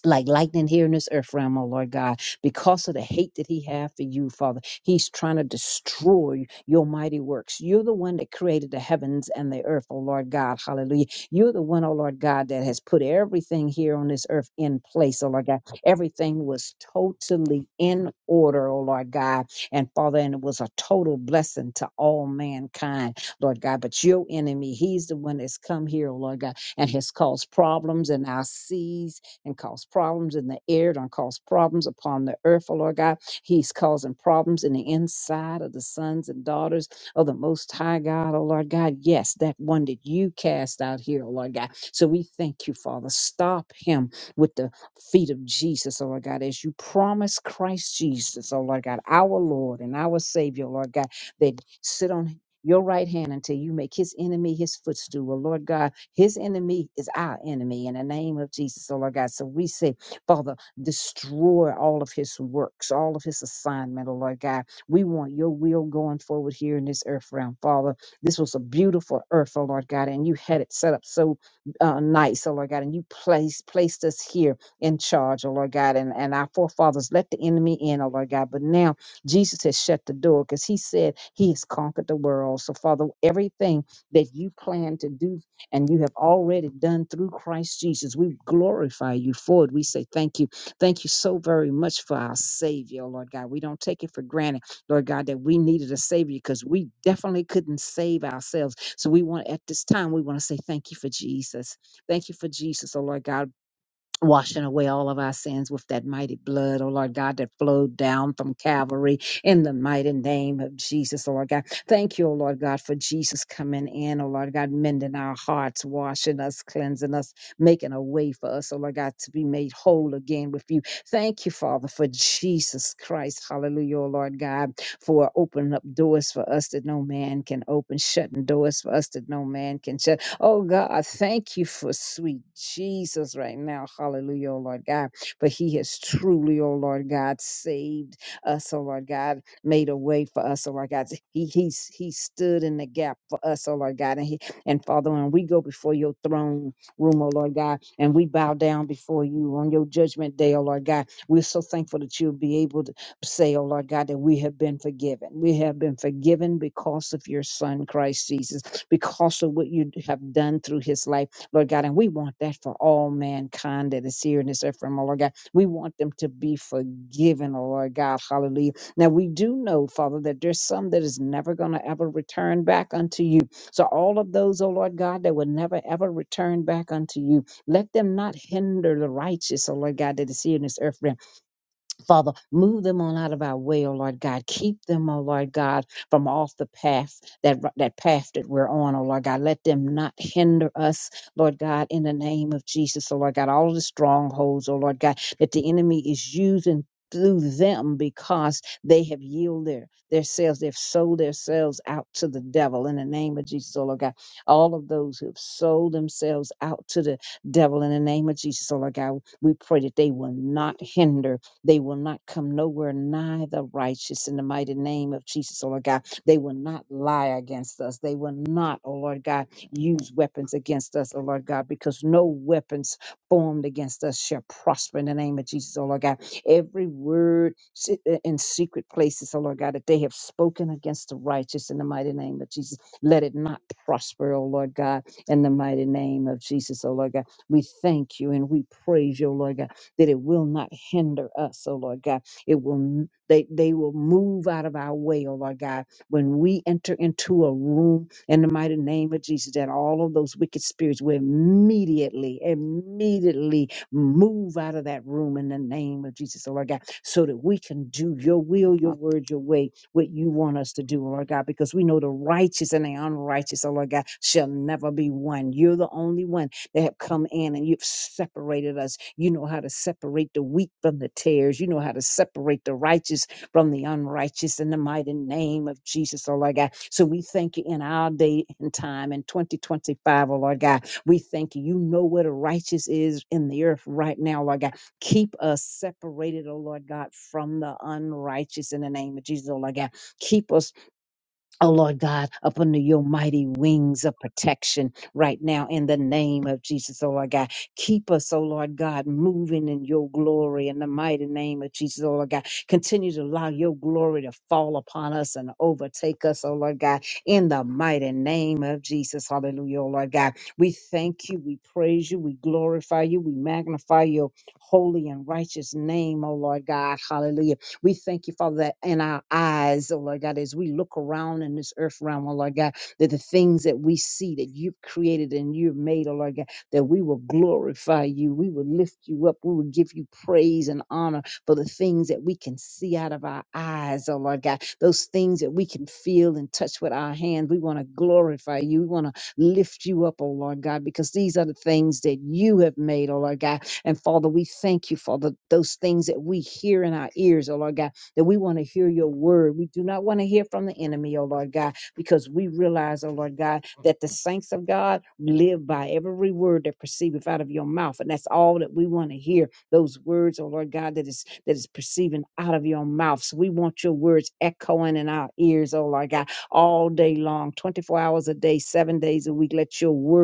[SPEAKER 1] like lightning here in this earth realm, oh Lord God, because of the hate that he had for you, Father. He's trying to destroy your mighty works. You're the one that created the heavens and the earth, oh Lord God. Hallelujah. You're the one, oh Lord God, that has put everything here on this earth in place, oh Lord God. Everything was totally in order, oh Lord God. And Father, and it was a total blessing to all mankind, Lord God. But your enemy, he's the one that's come here, oh Lord God, and has caused problems in our seas and cause problems in the air, don't cause problems upon the earth, oh Lord God. He's causing problems in the inside of the sons and daughters of the Most High God, oh Lord God. Yes, that one that you cast out here, oh Lord God. So we thank you, Father. Stop him with the feet of Jesus, oh Lord God, as you promised Christ Jesus, oh Lord God, our Lord and our Savior, Lord God, that sit on your right hand until you make his enemy his footstool. Oh Lord God, his enemy is our enemy in the name of Jesus, oh Lord God. So we say, Father, destroy all of his works, all of his assignment, oh Lord God. We want your will going forward here in this earth realm, Father. This was a beautiful earth, oh Lord God, and you had it set up so uh, nice, oh Lord God, and you placed placed us here in charge, oh Lord God, and, and our forefathers let the enemy in, oh Lord God. But now Jesus has shut the door because he said he has conquered the world. So, Father, everything that you plan to do and you have already done through Christ Jesus. We glorify you for it. We say thank you. Thank you so very much for our Savior, oh Lord God. We don't take it for granted, Lord God, that we needed a Savior because we definitely couldn't save ourselves. So we want, at this time, we want to say thank you for Jesus. Thank you for Jesus, oh Lord God washing away all of our sins with that mighty blood, oh Lord God, that flowed down from Calvary in the mighty name of Jesus, oh Lord God. Thank you, oh Lord God, for Jesus coming in, oh Lord God, mending our hearts, washing us, cleansing us, making a way for us, oh Lord God, to be made whole again with you. Thank you, Father, for Jesus Christ, hallelujah, oh Lord God, for opening up doors for us that no man can open, shutting doors for us that no man can shut. Oh God, thank you for sweet Jesus right now. Hallelujah, oh Lord God. But He has truly, oh Lord God, saved us, oh Lord God, made a way for us, oh Lord God. He He's He stood in the gap for us, oh Lord God. And He and Father, when we go before your throne room, oh Lord God, and we bow down before you on your judgment day, oh Lord God, we're so thankful that you'll be able to say, oh Lord God, that we have been forgiven. We have been forgiven because of your son, Christ Jesus, because of what you have done through his life, Lord God. And we want that for all mankind that is here in this earth, from Lord God. We want them to be forgiven, oh Lord God. Hallelujah. Now, we do know, Father, that there's some that is never going to ever return back unto you. So, all of those, oh Lord God, that will never ever return back unto you, let them not hinder the righteous, oh Lord God, that is here in this earth realm Father, move them on out of our way, oh Lord God. Keep them, oh Lord God, from off the path that that path that we're on, oh Lord God. Let them not hinder us, Lord God, in the name of Jesus, oh Lord God. All of the strongholds, oh Lord God, that the enemy is using through them because they have yielded their, their selves, they've sold themselves out to the devil in the name of Jesus, oh Lord God. All of those who have sold themselves out to the devil in the name of Jesus, oh Lord God, we pray that they will not hinder they will not come nowhere nigh the righteous in the mighty name of Jesus, oh Lord God. They will not lie against us. They will not, oh Lord God, use weapons against us, oh Lord God, because no weapons formed against us shall prosper in the name of Jesus, oh Lord God. Every word se- uh, in secret places, oh Lord God, that they have spoken against the righteous in the mighty name of Jesus, let it not prosper, oh Lord God, in the mighty name of Jesus, oh Lord God. We thank you and we praise you, oh Lord God that it will not hinder us, oh Lord God. It will n- they they will move out of our way, oh Lord God, when we enter into a room in the mighty name of Jesus, that all of those wicked spirits will immediately, immediately move out of that room in the name of Jesus, oh Lord God, so that we can do your will, your word, your way, what you want us to do, oh Lord God, because we know the righteous and the unrighteous, oh Lord God, shall never be one. You're the only one that have come in and you've separated us. You know how to separate the wheat from the tares. You know how to separate the righteous from the unrighteous in the mighty name of Jesus, oh Lord God. So we thank you in our day and time in 2025, oh Lord God. We thank you. You know where the righteous is in the earth right now, Lord God. Keep us separated, oh Lord God, from the unrighteous in the name of Jesus, oh Lord God. Keep us Oh Lord God, up under your mighty wings of protection right now in the name of Jesus, oh Lord God. Keep us, oh Lord God, moving in your glory in the mighty name of Jesus, oh Lord God. Continue to allow your glory to fall upon us and overtake us, oh Lord God, in the mighty name of Jesus. Hallelujah, oh Lord God. We thank you, we praise you, we glorify you, we magnify your holy and righteous name, oh Lord God. Hallelujah. We thank you, Father, that in our eyes, oh Lord God, as we look around in this earth realm, oh Lord God, that the things that we see that you've created and you've made, oh Lord God, that we will glorify you, we will lift you up, we will give you praise and honor for the things that we can see out of our eyes, oh Lord God, those things that we can feel and touch with our hands. We want to glorify you. We want to lift you up, oh Lord God, because these are the things that you have made, oh Lord God and Father, we thank you, Father, those things that we hear in our ears, oh Lord God, that we want to hear your word. We do not want to hear from the enemy, oh Lord God, because we realize, oh Lord God, that the saints of God live by every word that proceedeth out of your mouth. And that's all that we want to hear. Those words, oh Lord God, that is that is perceiving out of your mouth. So we want your words echoing in our ears, oh Lord God, all day long, 24 hours a day, seven days a week. Let your word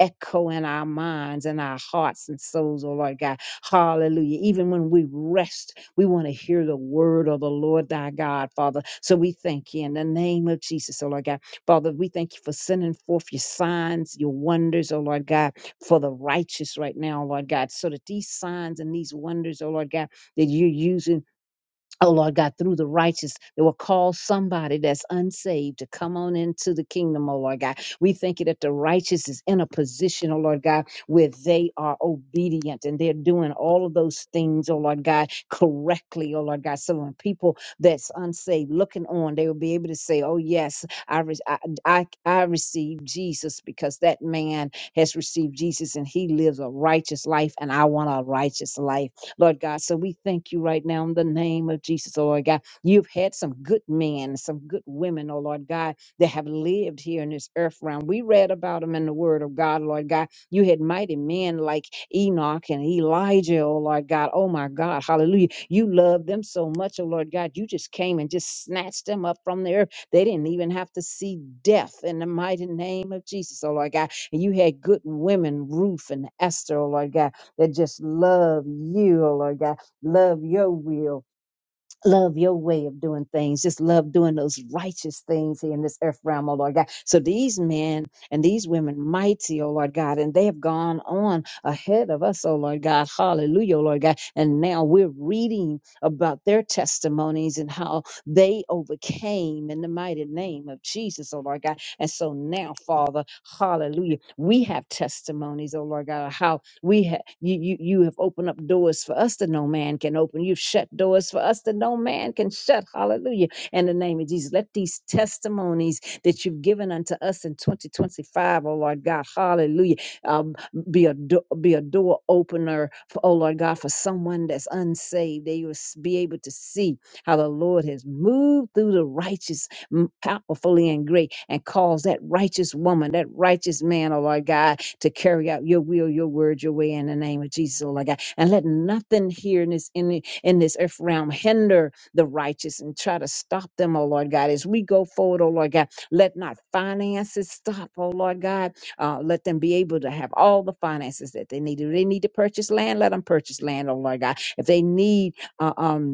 [SPEAKER 1] echo in our minds and our hearts and souls, oh Lord God. Hallelujah. Even when we rest, we want to hear the word of the Lord thy God, Father. So we thank you in the name of Jesus, oh Lord God. Father, we thank you for sending forth your signs, your wonders, oh Lord God, for the righteous right now, Lord God. So that these signs and these wonders, oh Lord God, that you're using Oh Lord God, through the righteous that will call somebody that's unsaved to come on into the kingdom, oh Lord God. We thank you that the righteous is in a position, oh Lord God, where they are obedient and they're doing all of those things, oh Lord God, correctly, oh Lord God. So when people that's unsaved looking on, they will be able to say, Oh yes, I re- I, I, I received Jesus because that man has received Jesus and he lives a righteous life and I want a righteous life. Lord God. So we thank you right now in the name of Jesus, oh Lord God. You've had some good men, some good women, oh Lord God, that have lived here in this earth realm. We read about them in the Word of God, Lord God. You had mighty men like Enoch and Elijah, oh Lord God. Oh my God, hallelujah. You loved them so much, oh Lord God. You just came and just snatched them up from the earth. They didn't even have to see death in the mighty name of Jesus, oh Lord God. And you had good women, Ruth and Esther, oh Lord God that just love you, oh Lord God, love your will, love your way of doing things, just love doing those righteous things here in this earth realm, oh Lord God. So these men and these women, mighty, oh Lord God, and they have gone on ahead of us, oh Lord God. Hallelujah, oh Lord God. And now we're reading about their testimonies and how they overcame in the mighty name of Jesus, oh Lord God. And so now, Father, hallelujah, we have testimonies, oh Lord God, of how we ha- you, you you have opened up doors for us that no man can open. You've shut doors for us that no man can shut. Hallelujah. In the name of Jesus, let these testimonies that you've given unto us in 2025, O Lord God, hallelujah, um, be a do- be a door opener, for, oh Lord God, for someone that's unsaved. They will s- be able to see how the Lord has moved through the righteous m- powerfully and great and caused that righteous woman, that righteous man, oh Lord God, to carry out your will, your word, your way in the name of Jesus, oh Lord God. And let nothing here in this in, the- in this earth realm hinder the righteous and try to stop them, oh Lord God. As we go forward, oh Lord God, let not finances stop, oh Lord God. Uh, let them be able to have all the finances that they need. If they need to purchase land, let them purchase land, oh Lord God. If they need uh, um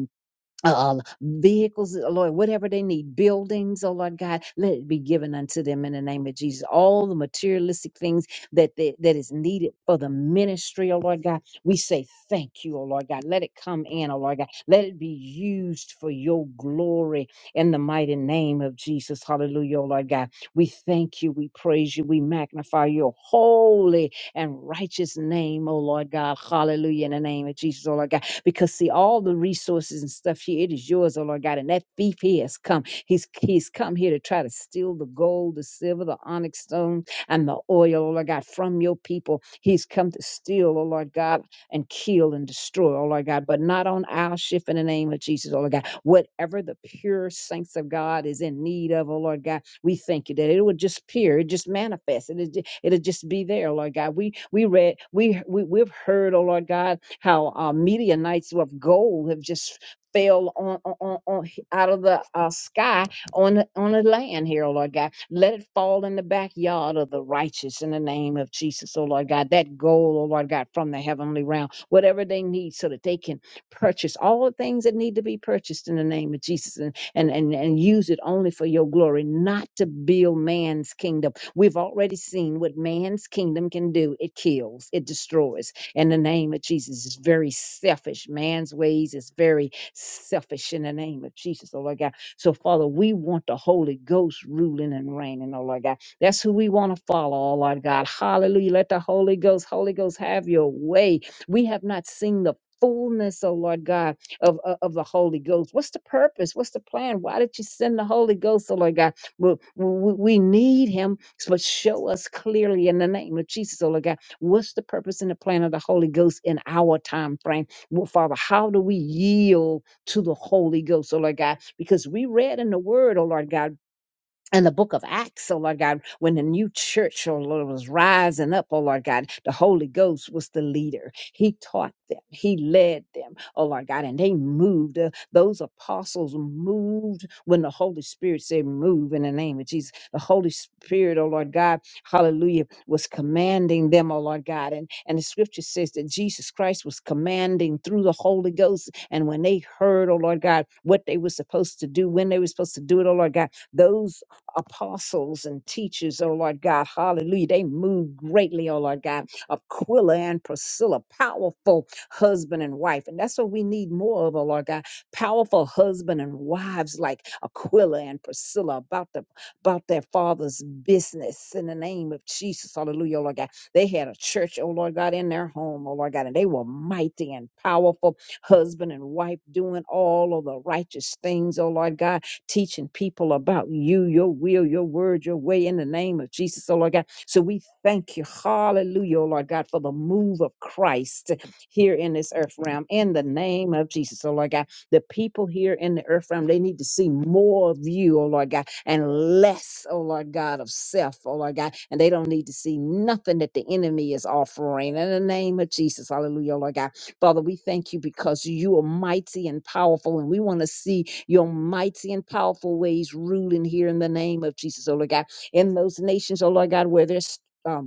[SPEAKER 1] uh, vehicles, uh, Lord, whatever they need, buildings, oh Lord God, let it be given unto them in the name of Jesus. All the materialistic things that they, that is needed for the ministry, oh Lord God, we say thank you, oh Lord God. Let it come in, oh Lord God. Let it be used for your glory in the mighty name of Jesus. Hallelujah, oh Lord God. We thank you, we praise you, we magnify your holy and righteous name, oh Lord God. Hallelujah, in the name of Jesus, oh Lord God because see all the resources and stuff here it is yours oh lord god and that thief he has come he's he's come here to try to steal the gold the silver the onyx stone and the oil oh lord god from your people he's come to steal oh lord god and kill and destroy oh lord god but not on our shift in the name of jesus oh lord god whatever the pure saints of god is in need of oh lord god we thank you that it would just appear, it just manifest, it ju- it'll just be there, Lord God. We we read, we, we we've heard, oh Lord God, how uh, meteor nights of gold have just fell on, on, on on- out of the uh, sky on the, on the land here, oh Lord God. Let it fall in the backyard of the righteous in the name of Jesus, oh Lord God. That gold, oh Lord God, from the heavenly realm, whatever they need so that they can purchase all the things that need to be purchased in the name of Jesus and, and, and use it only for your glory, not to build man's kingdom. We've already seen what man's kingdom can do it kills, it destroys. In the name of Jesus, it's very selfish. Man's ways is very selfish in the name of Jesus, oh Lord God. So, Father, we want the Holy Ghost ruling and reigning, oh Lord God. That's who we want to follow, oh Lord God. Hallelujah. Let the Holy Ghost, Holy Ghost, have your way. We have not seen the fullness, oh Lord God of, of, of the Holy Ghost. What's the purpose? What's the plan? Why did you send the Holy Ghost, oh Lord God? We, we, we need him, so, but show us clearly in the name of Jesus, oh Lord God, what's the purpose and the plan of the Holy Ghost in our time frame? Well, Father, how do we yield to the Holy Ghost, oh Lord God? Because we read in the word, oh Lord God and the book of Acts, oh Lord God, when the new church, oh Lord, was rising up, oh Lord God, the Holy Ghost was the leader. He taught them, He led them, oh Lord God, and they moved. Uh, those apostles moved when the Holy Spirit said, Move in the name of Jesus. The Holy Spirit, oh Lord God, hallelujah, was commanding them, oh Lord God. And, and the scripture says that Jesus Christ was commanding through the Holy Ghost. And when they heard, oh Lord God, what they were supposed to do, when they were supposed to do it, oh Lord God, those apostles and teachers, oh Lord God. Hallelujah. They moved greatly, oh Lord God. Aquila and Priscilla, powerful husband and wife. And that's what we need more of, oh Lord God. Powerful husband and wives like Aquila and Priscilla about the about their father's business in the name of Jesus. Hallelujah, oh Lord God. They had a church, oh Lord God, in their home, oh Lord God, and they were mighty and powerful husband and wife doing all of the righteous things, oh Lord God teaching people about you, your will, your word, your way in the name of Jesus, oh Lord God. So we thank you, hallelujah, oh Lord God, for the move of Christ here in this earth realm in the name of Jesus, oh Lord God. The people here in the earth realm, they need to see more of you, oh Lord God, and less, oh Lord God, of self, oh Lord God. And they don't need to see nothing that the enemy is offering in the name of Jesus, hallelujah, oh Lord God. Father, we thank you because you are mighty and powerful, and we want to see your mighty and powerful ways ruling here in the name of Jesus, oh Lord God. In those nations, oh Lord God, where there's um,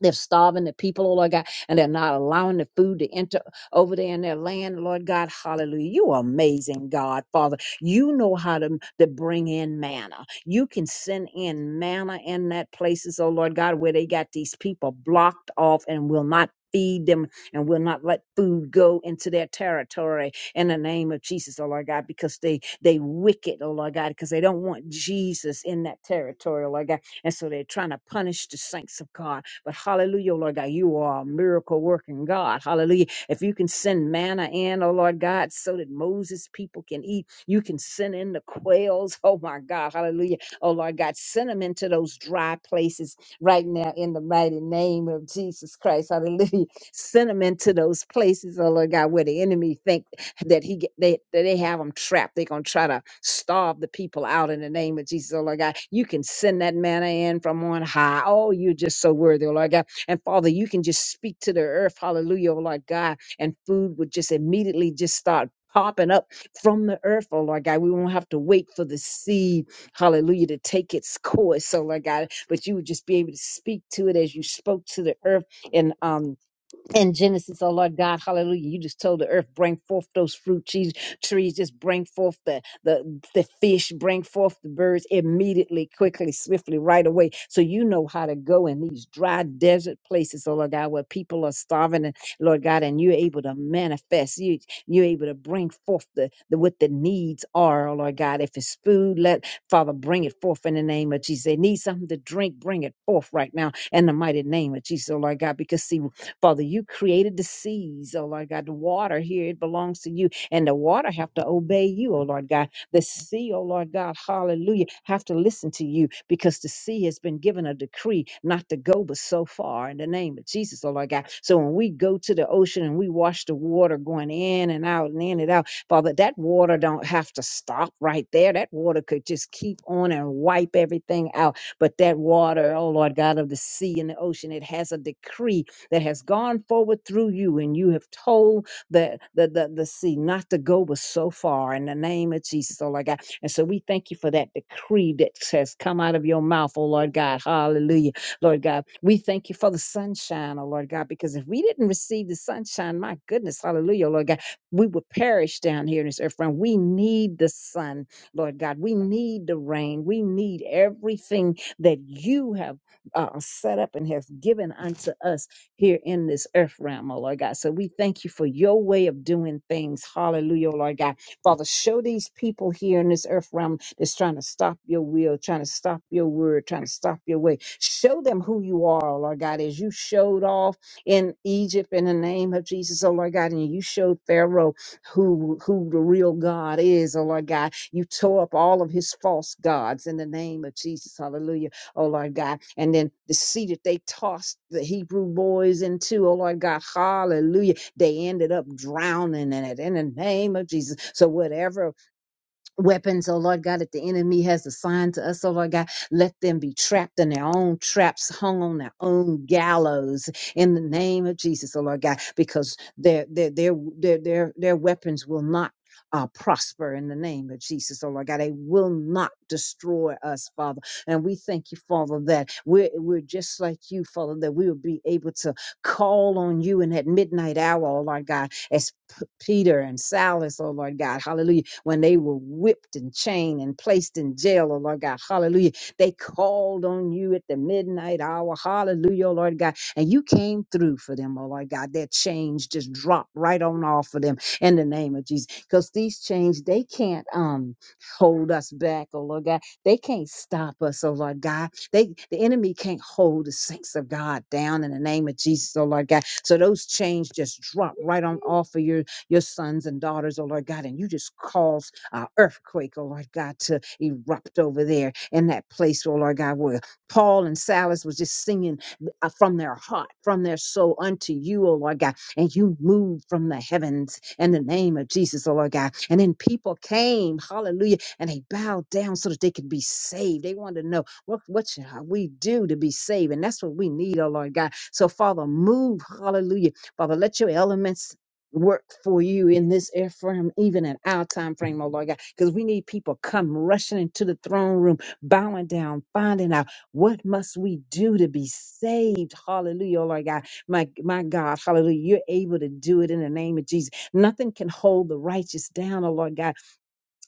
[SPEAKER 1] they're starving the people, oh Lord God, and they're not allowing the food to enter over there in their land, Lord God. Hallelujah. You are amazing, God, Father. You know how to, to bring in manna. You can send in manna in that places, oh Lord God, where they got these people blocked off and will not feed them and will not let food go into their territory in the name of Jesus, oh Lord God, because they they wicked, oh Lord God, because they don't want Jesus in that territory, oh Lord God. And so they're trying to punish the saints of God. But hallelujah, oh Lord God, you are a miracle working God. Hallelujah. If you can send manna in, oh Lord God, so that Moses' people can eat, you can send in the quails. Oh my God, hallelujah. Oh Lord God, send them into those dry places right now in the mighty name of Jesus Christ. Hallelujah. Send them into those places, oh Lord God, where the enemy think that he get- they that they have them trapped. They're gonna try to starve the people out in the name of Jesus, oh Lord God. You can send that manna in from on high. Oh, you're just so worthy, oh Lord God. And Father, you can just speak to the earth, hallelujah, oh Lord God, and food would just immediately just start popping up from the earth, oh Lord God. We won't have to wait for the seed, hallelujah, to take its course, oh Lord God. But you would just be able to speak to it as you spoke to the earth and um in Genesis, oh Lord God, hallelujah. You just told the earth, bring forth those fruit trees, trees, just bring forth the, the, the fish, bring forth the birds immediately, quickly, swiftly, right away. So you know how to go in these dry desert places, oh Lord God, where people are starving and Lord God, and you're able to manifest, you, you're able to bring forth the, the, what the needs are, oh Lord God. If it's food, let Father bring it forth in the name of Jesus. They need something to drink, bring it forth right now in the mighty name of Jesus, oh Lord God, because see, Father, you created the seas, oh Lord God, the water here, it belongs to you. And the water have to obey you, oh Lord God. The sea, oh Lord God, hallelujah, have to listen to you because the sea has been given a decree not to go but so far in the name of Jesus, oh Lord God. So when we go to the ocean and we watch the water going in and out and in and out, Father, that water don't have to stop right there. That water could just keep on and wipe everything out. But that water, oh Lord God, of the sea and the ocean, it has a decree that has gone forward through you, and you have told the, the, the, the sea not to go but so far in the name of Jesus, oh Lord God. And so we thank you for that decree that has come out of your mouth, oh Lord God. Hallelujah. Lord God, we thank you for the sunshine, oh Lord God, because if we didn't receive the sunshine, my goodness, hallelujah, oh Lord God, we would perish down here in this earth Friend, We need the sun, Lord God. We need the rain. We need everything that you have uh, set up and have given unto us here in this earth realm, oh Lord God. So we thank you for your way of doing things. Hallelujah, oh Lord God. Father, show these people here in this earth realm that's trying to stop your will, trying to stop your word, trying to stop your way. Show them who you are, oh Lord God, as you showed off in Egypt in the name of Jesus, oh Lord God, and you showed Pharaoh who who the real God is, oh Lord God. You tore up all of his false gods in the name of Jesus. Hallelujah oh Lord God. And then the sea that they tossed the Hebrew boys into, oh Lord God, hallelujah. They ended up drowning in it in the name of Jesus. So whatever weapons, oh Lord God, that the enemy has assigned to us, oh Lord God, let them be trapped in their own traps, hung on their own gallows in the name of Jesus, oh Lord God, because their their their their their, their weapons will not uh, prosper in the name of Jesus, oh Lord God. They will not destroy us, Father. And we thank you, Father, that we're, we're just like you, Father, that we will be able to call on you in that midnight hour, oh Lord God, as P- Peter and Silas, oh Lord God, hallelujah, when they were whipped and chained and placed in jail, oh Lord God, hallelujah, they called on you at the midnight hour, hallelujah, oh Lord God, and you came through for them, oh Lord God. Their chains just dropped right on off of them in the name of Jesus, because these chains, they can't um hold us back, oh Lord God. They can't stop us, oh Lord God they the enemy can't hold the saints of God down in the name of Jesus, oh Lord God. So those chains just drop right on off of your your sons and daughters, oh Lord God, and you just cause an earthquake, oh Lord God, to erupt over there in that place, oh Lord God, where Paul and Silas was just singing uh, from their heart, from their soul unto you, oh Lord God. And you moved from the heavens in the name of Jesus, oh Lord God. And then people came, hallelujah, and they bowed down so that they could be saved. They wanted to know. What, what shall we do to be saved? And that's what we need, oh Lord God. So, Father, move. Hallelujah. Father, let your elements work for you in this air frame, even in our time frame, oh Lord God, because we need people come rushing into the throne room, bowing down, finding out what must we do to be saved. Hallelujah, oh Lord God. My my God, hallelujah. You're able to do it in the name of Jesus. Nothing can hold the righteous down, oh Lord God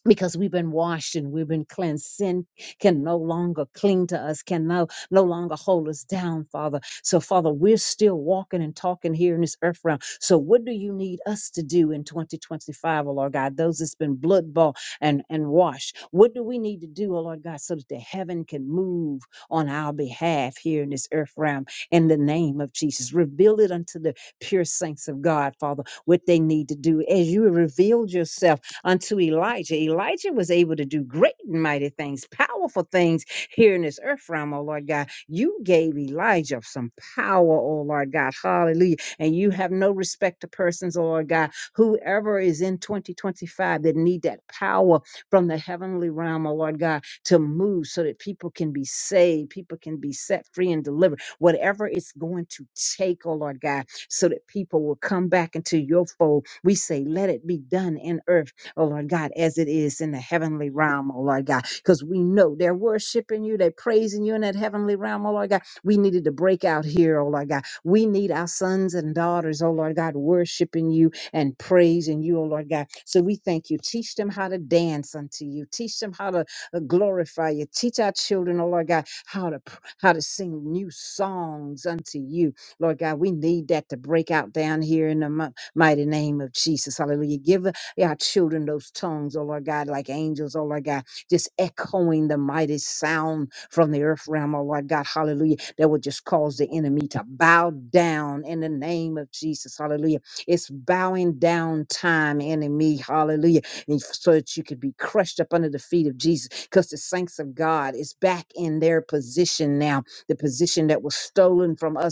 [SPEAKER 1] because we've been washed and we've been cleansed. Sin can no longer cling to us, can no, no longer hold us down, Father. So, Father, we're still walking and talking here in this earth realm. So, what do you need us to do in 2025, O Lord God? Those that's been blood bought and, and washed, what do we need to do, oh Lord God, so that the heaven can move on our behalf here in this earth realm in the name of Jesus? Reveal it unto the pure saints of God, Father, what they need to do as you revealed yourself unto Elijah. Elijah was able to do great and mighty things, powerful things here in this earth realm, oh Lord God. You gave Elijah some power, oh Lord God. Hallelujah. And you have no respect to persons, oh Lord God. Whoever is in 2025 that need that power from the heavenly realm, oh Lord God, to move so that people can be saved, people can be set free and delivered. Whatever it's going to take, oh Lord God, so that people will come back into your fold. We say, let it be done in earth oh Lord God, as it is in the heavenly realm, oh Lord God, because we know they're worshiping you, they're praising you in that heavenly realm, oh Lord God. We needed to break out here, oh Lord God. We need our sons and daughters, oh Lord God, worshiping you and praising you, oh Lord God. So we thank you. Teach them how to dance unto you. Teach them how to uh, glorify you. Teach our children, oh Lord God, how to pr- how to sing new songs unto you, Lord God. We need that to break out down here in the mi- mighty name of Jesus. Hallelujah. Give our children those tongues, oh Lord God, like angels, oh Lord God, just echoing the mighty sound from the earth realm, oh Lord God, hallelujah, that would just cause the enemy to bow down in the name of Jesus, hallelujah. It's bowing down time, enemy, hallelujah, and f- so that you could be crushed up under the feet of Jesus, because the saints of God is back in their position now, the position that was stolen from us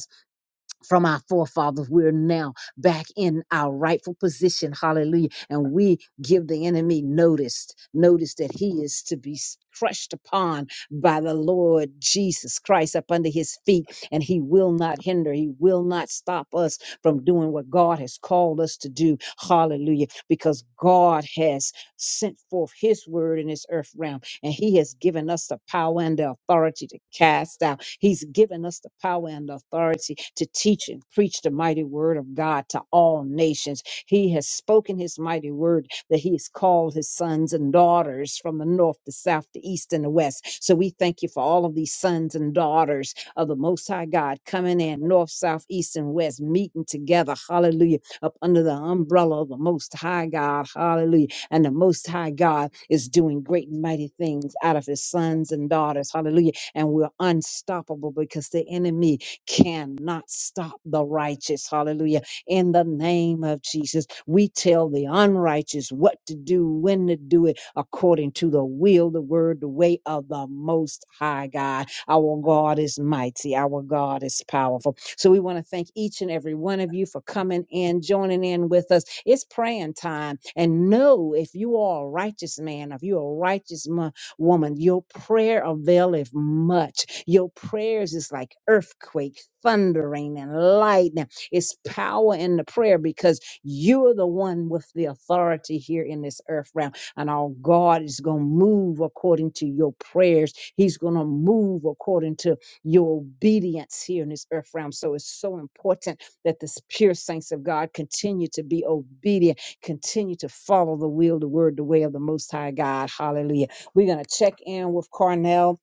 [SPEAKER 1] from our forefathers. We're now back in our rightful position. Hallelujah. And we give the enemy notice, notice that he is to be s- crushed upon by the Lord Jesus Christ up under his feet. And he will not hinder, he will not stop us from doing what God has called us to do. Hallelujah. Because God has sent forth his word in this earth realm and He has given us the power and the authority to cast out. He's given us the power and the authority to teach and preach the mighty word of God to all nations. He has spoken His mighty word that He has called His sons and daughters from the north, the south, the east, and the west. So we thank you for all of these sons and daughters of the Most High God coming in north, south, east, and west, meeting together. Hallelujah. Up under the umbrella of the Most High God. Hallelujah and the Most High God is doing great and mighty things out of his sons and daughters. Hallelujah. And we're unstoppable because the enemy cannot stop the righteous. Hallelujah. In the name of Jesus, we tell the unrighteous what to do, when to do it, according to the will, the word, the way of the Most High God. Our God is mighty. Our God is powerful. So we want to thank each and every one of you for coming in, joining in with us. It's praying time. And know if you are a righteous man, if you're a righteous mo- woman, your prayer availeth much. Your prayers is like earthquake, thundering, and lightning. It's power in the prayer because you're the one with the authority here in this earth realm. And our God is going to move according to your prayers. He's going to move according to your obedience here in this earth realm. So it's so important that the s- pure saints of God continue to be obedient, continue to follow the will, the word, the way of the Most High God. Hallelujah. We're going to check in with Cornell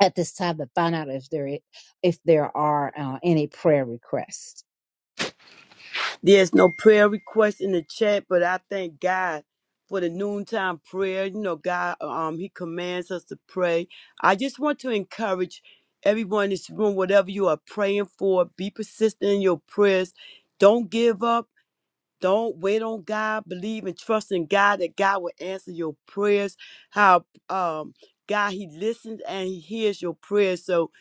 [SPEAKER 1] at this time to find out if there, i- if there are uh, any prayer requests.
[SPEAKER 2] There's no prayer request in the chat, but I thank God for the noontime prayer. You know, God, um, He commands us to pray. I just want to encourage everyone in this room, whatever you are praying for, be persistent in your prayers. Don't give up Don't wait on God. Believe and trust in God that God will answer your prayers. How um God He listens and He hears your prayers. So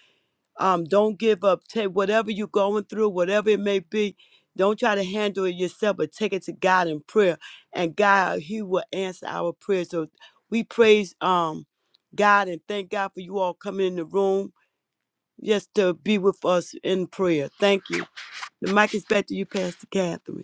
[SPEAKER 2] um don't give up. Take whatever you're going through, whatever it may be. Don't try to handle it yourself, but take it to God in prayer. And God, He will answer our prayers. So we praise um God and thank God for you all coming in the room just to be with us in prayer. Thank you. The mic is back to you, Pastor Catherine.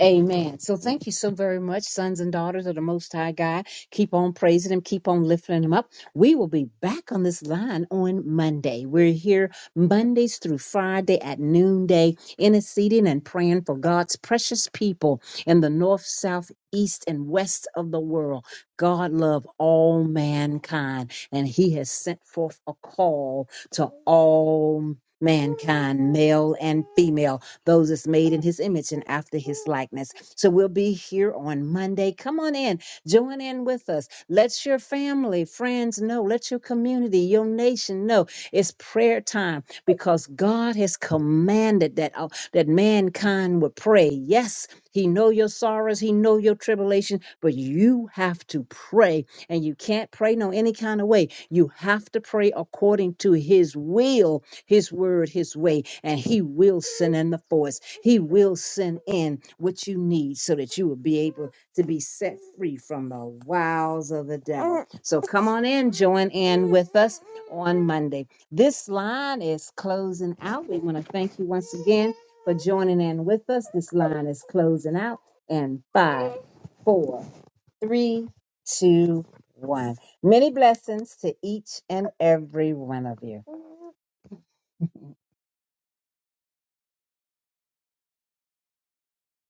[SPEAKER 1] Amen. So thank you so very much, sons and daughters of the Most High God. Keep on praising Him, keep on lifting Him up. We will be back on this line on Monday. We're here Mondays through Friday at noonday, interceding and praying for God's precious people in the north, south, east, and west of the world. God love all mankind, and He has sent forth a call to all mankind, male and female those that's made in his image and after his likeness. So we'll be here on Monday. Come on in, join in with us. Let your family, friends know, let your community, your nation know it's prayer time because God has commanded that, uh, that mankind would pray. Yes, he know your sorrows, he know your tribulation, but you have to pray and you can't pray no any kind of way. You have to pray according to his will his word, his way, and he will send in the force. He will send in what you need so that you will be able to be set free from the wiles of the devil. So come on in, join in with us on Monday. This line is closing out. We want to thank you once again for joining in with us. This line is closing out in five, four, three, two, one. Many blessings to each and every one of you.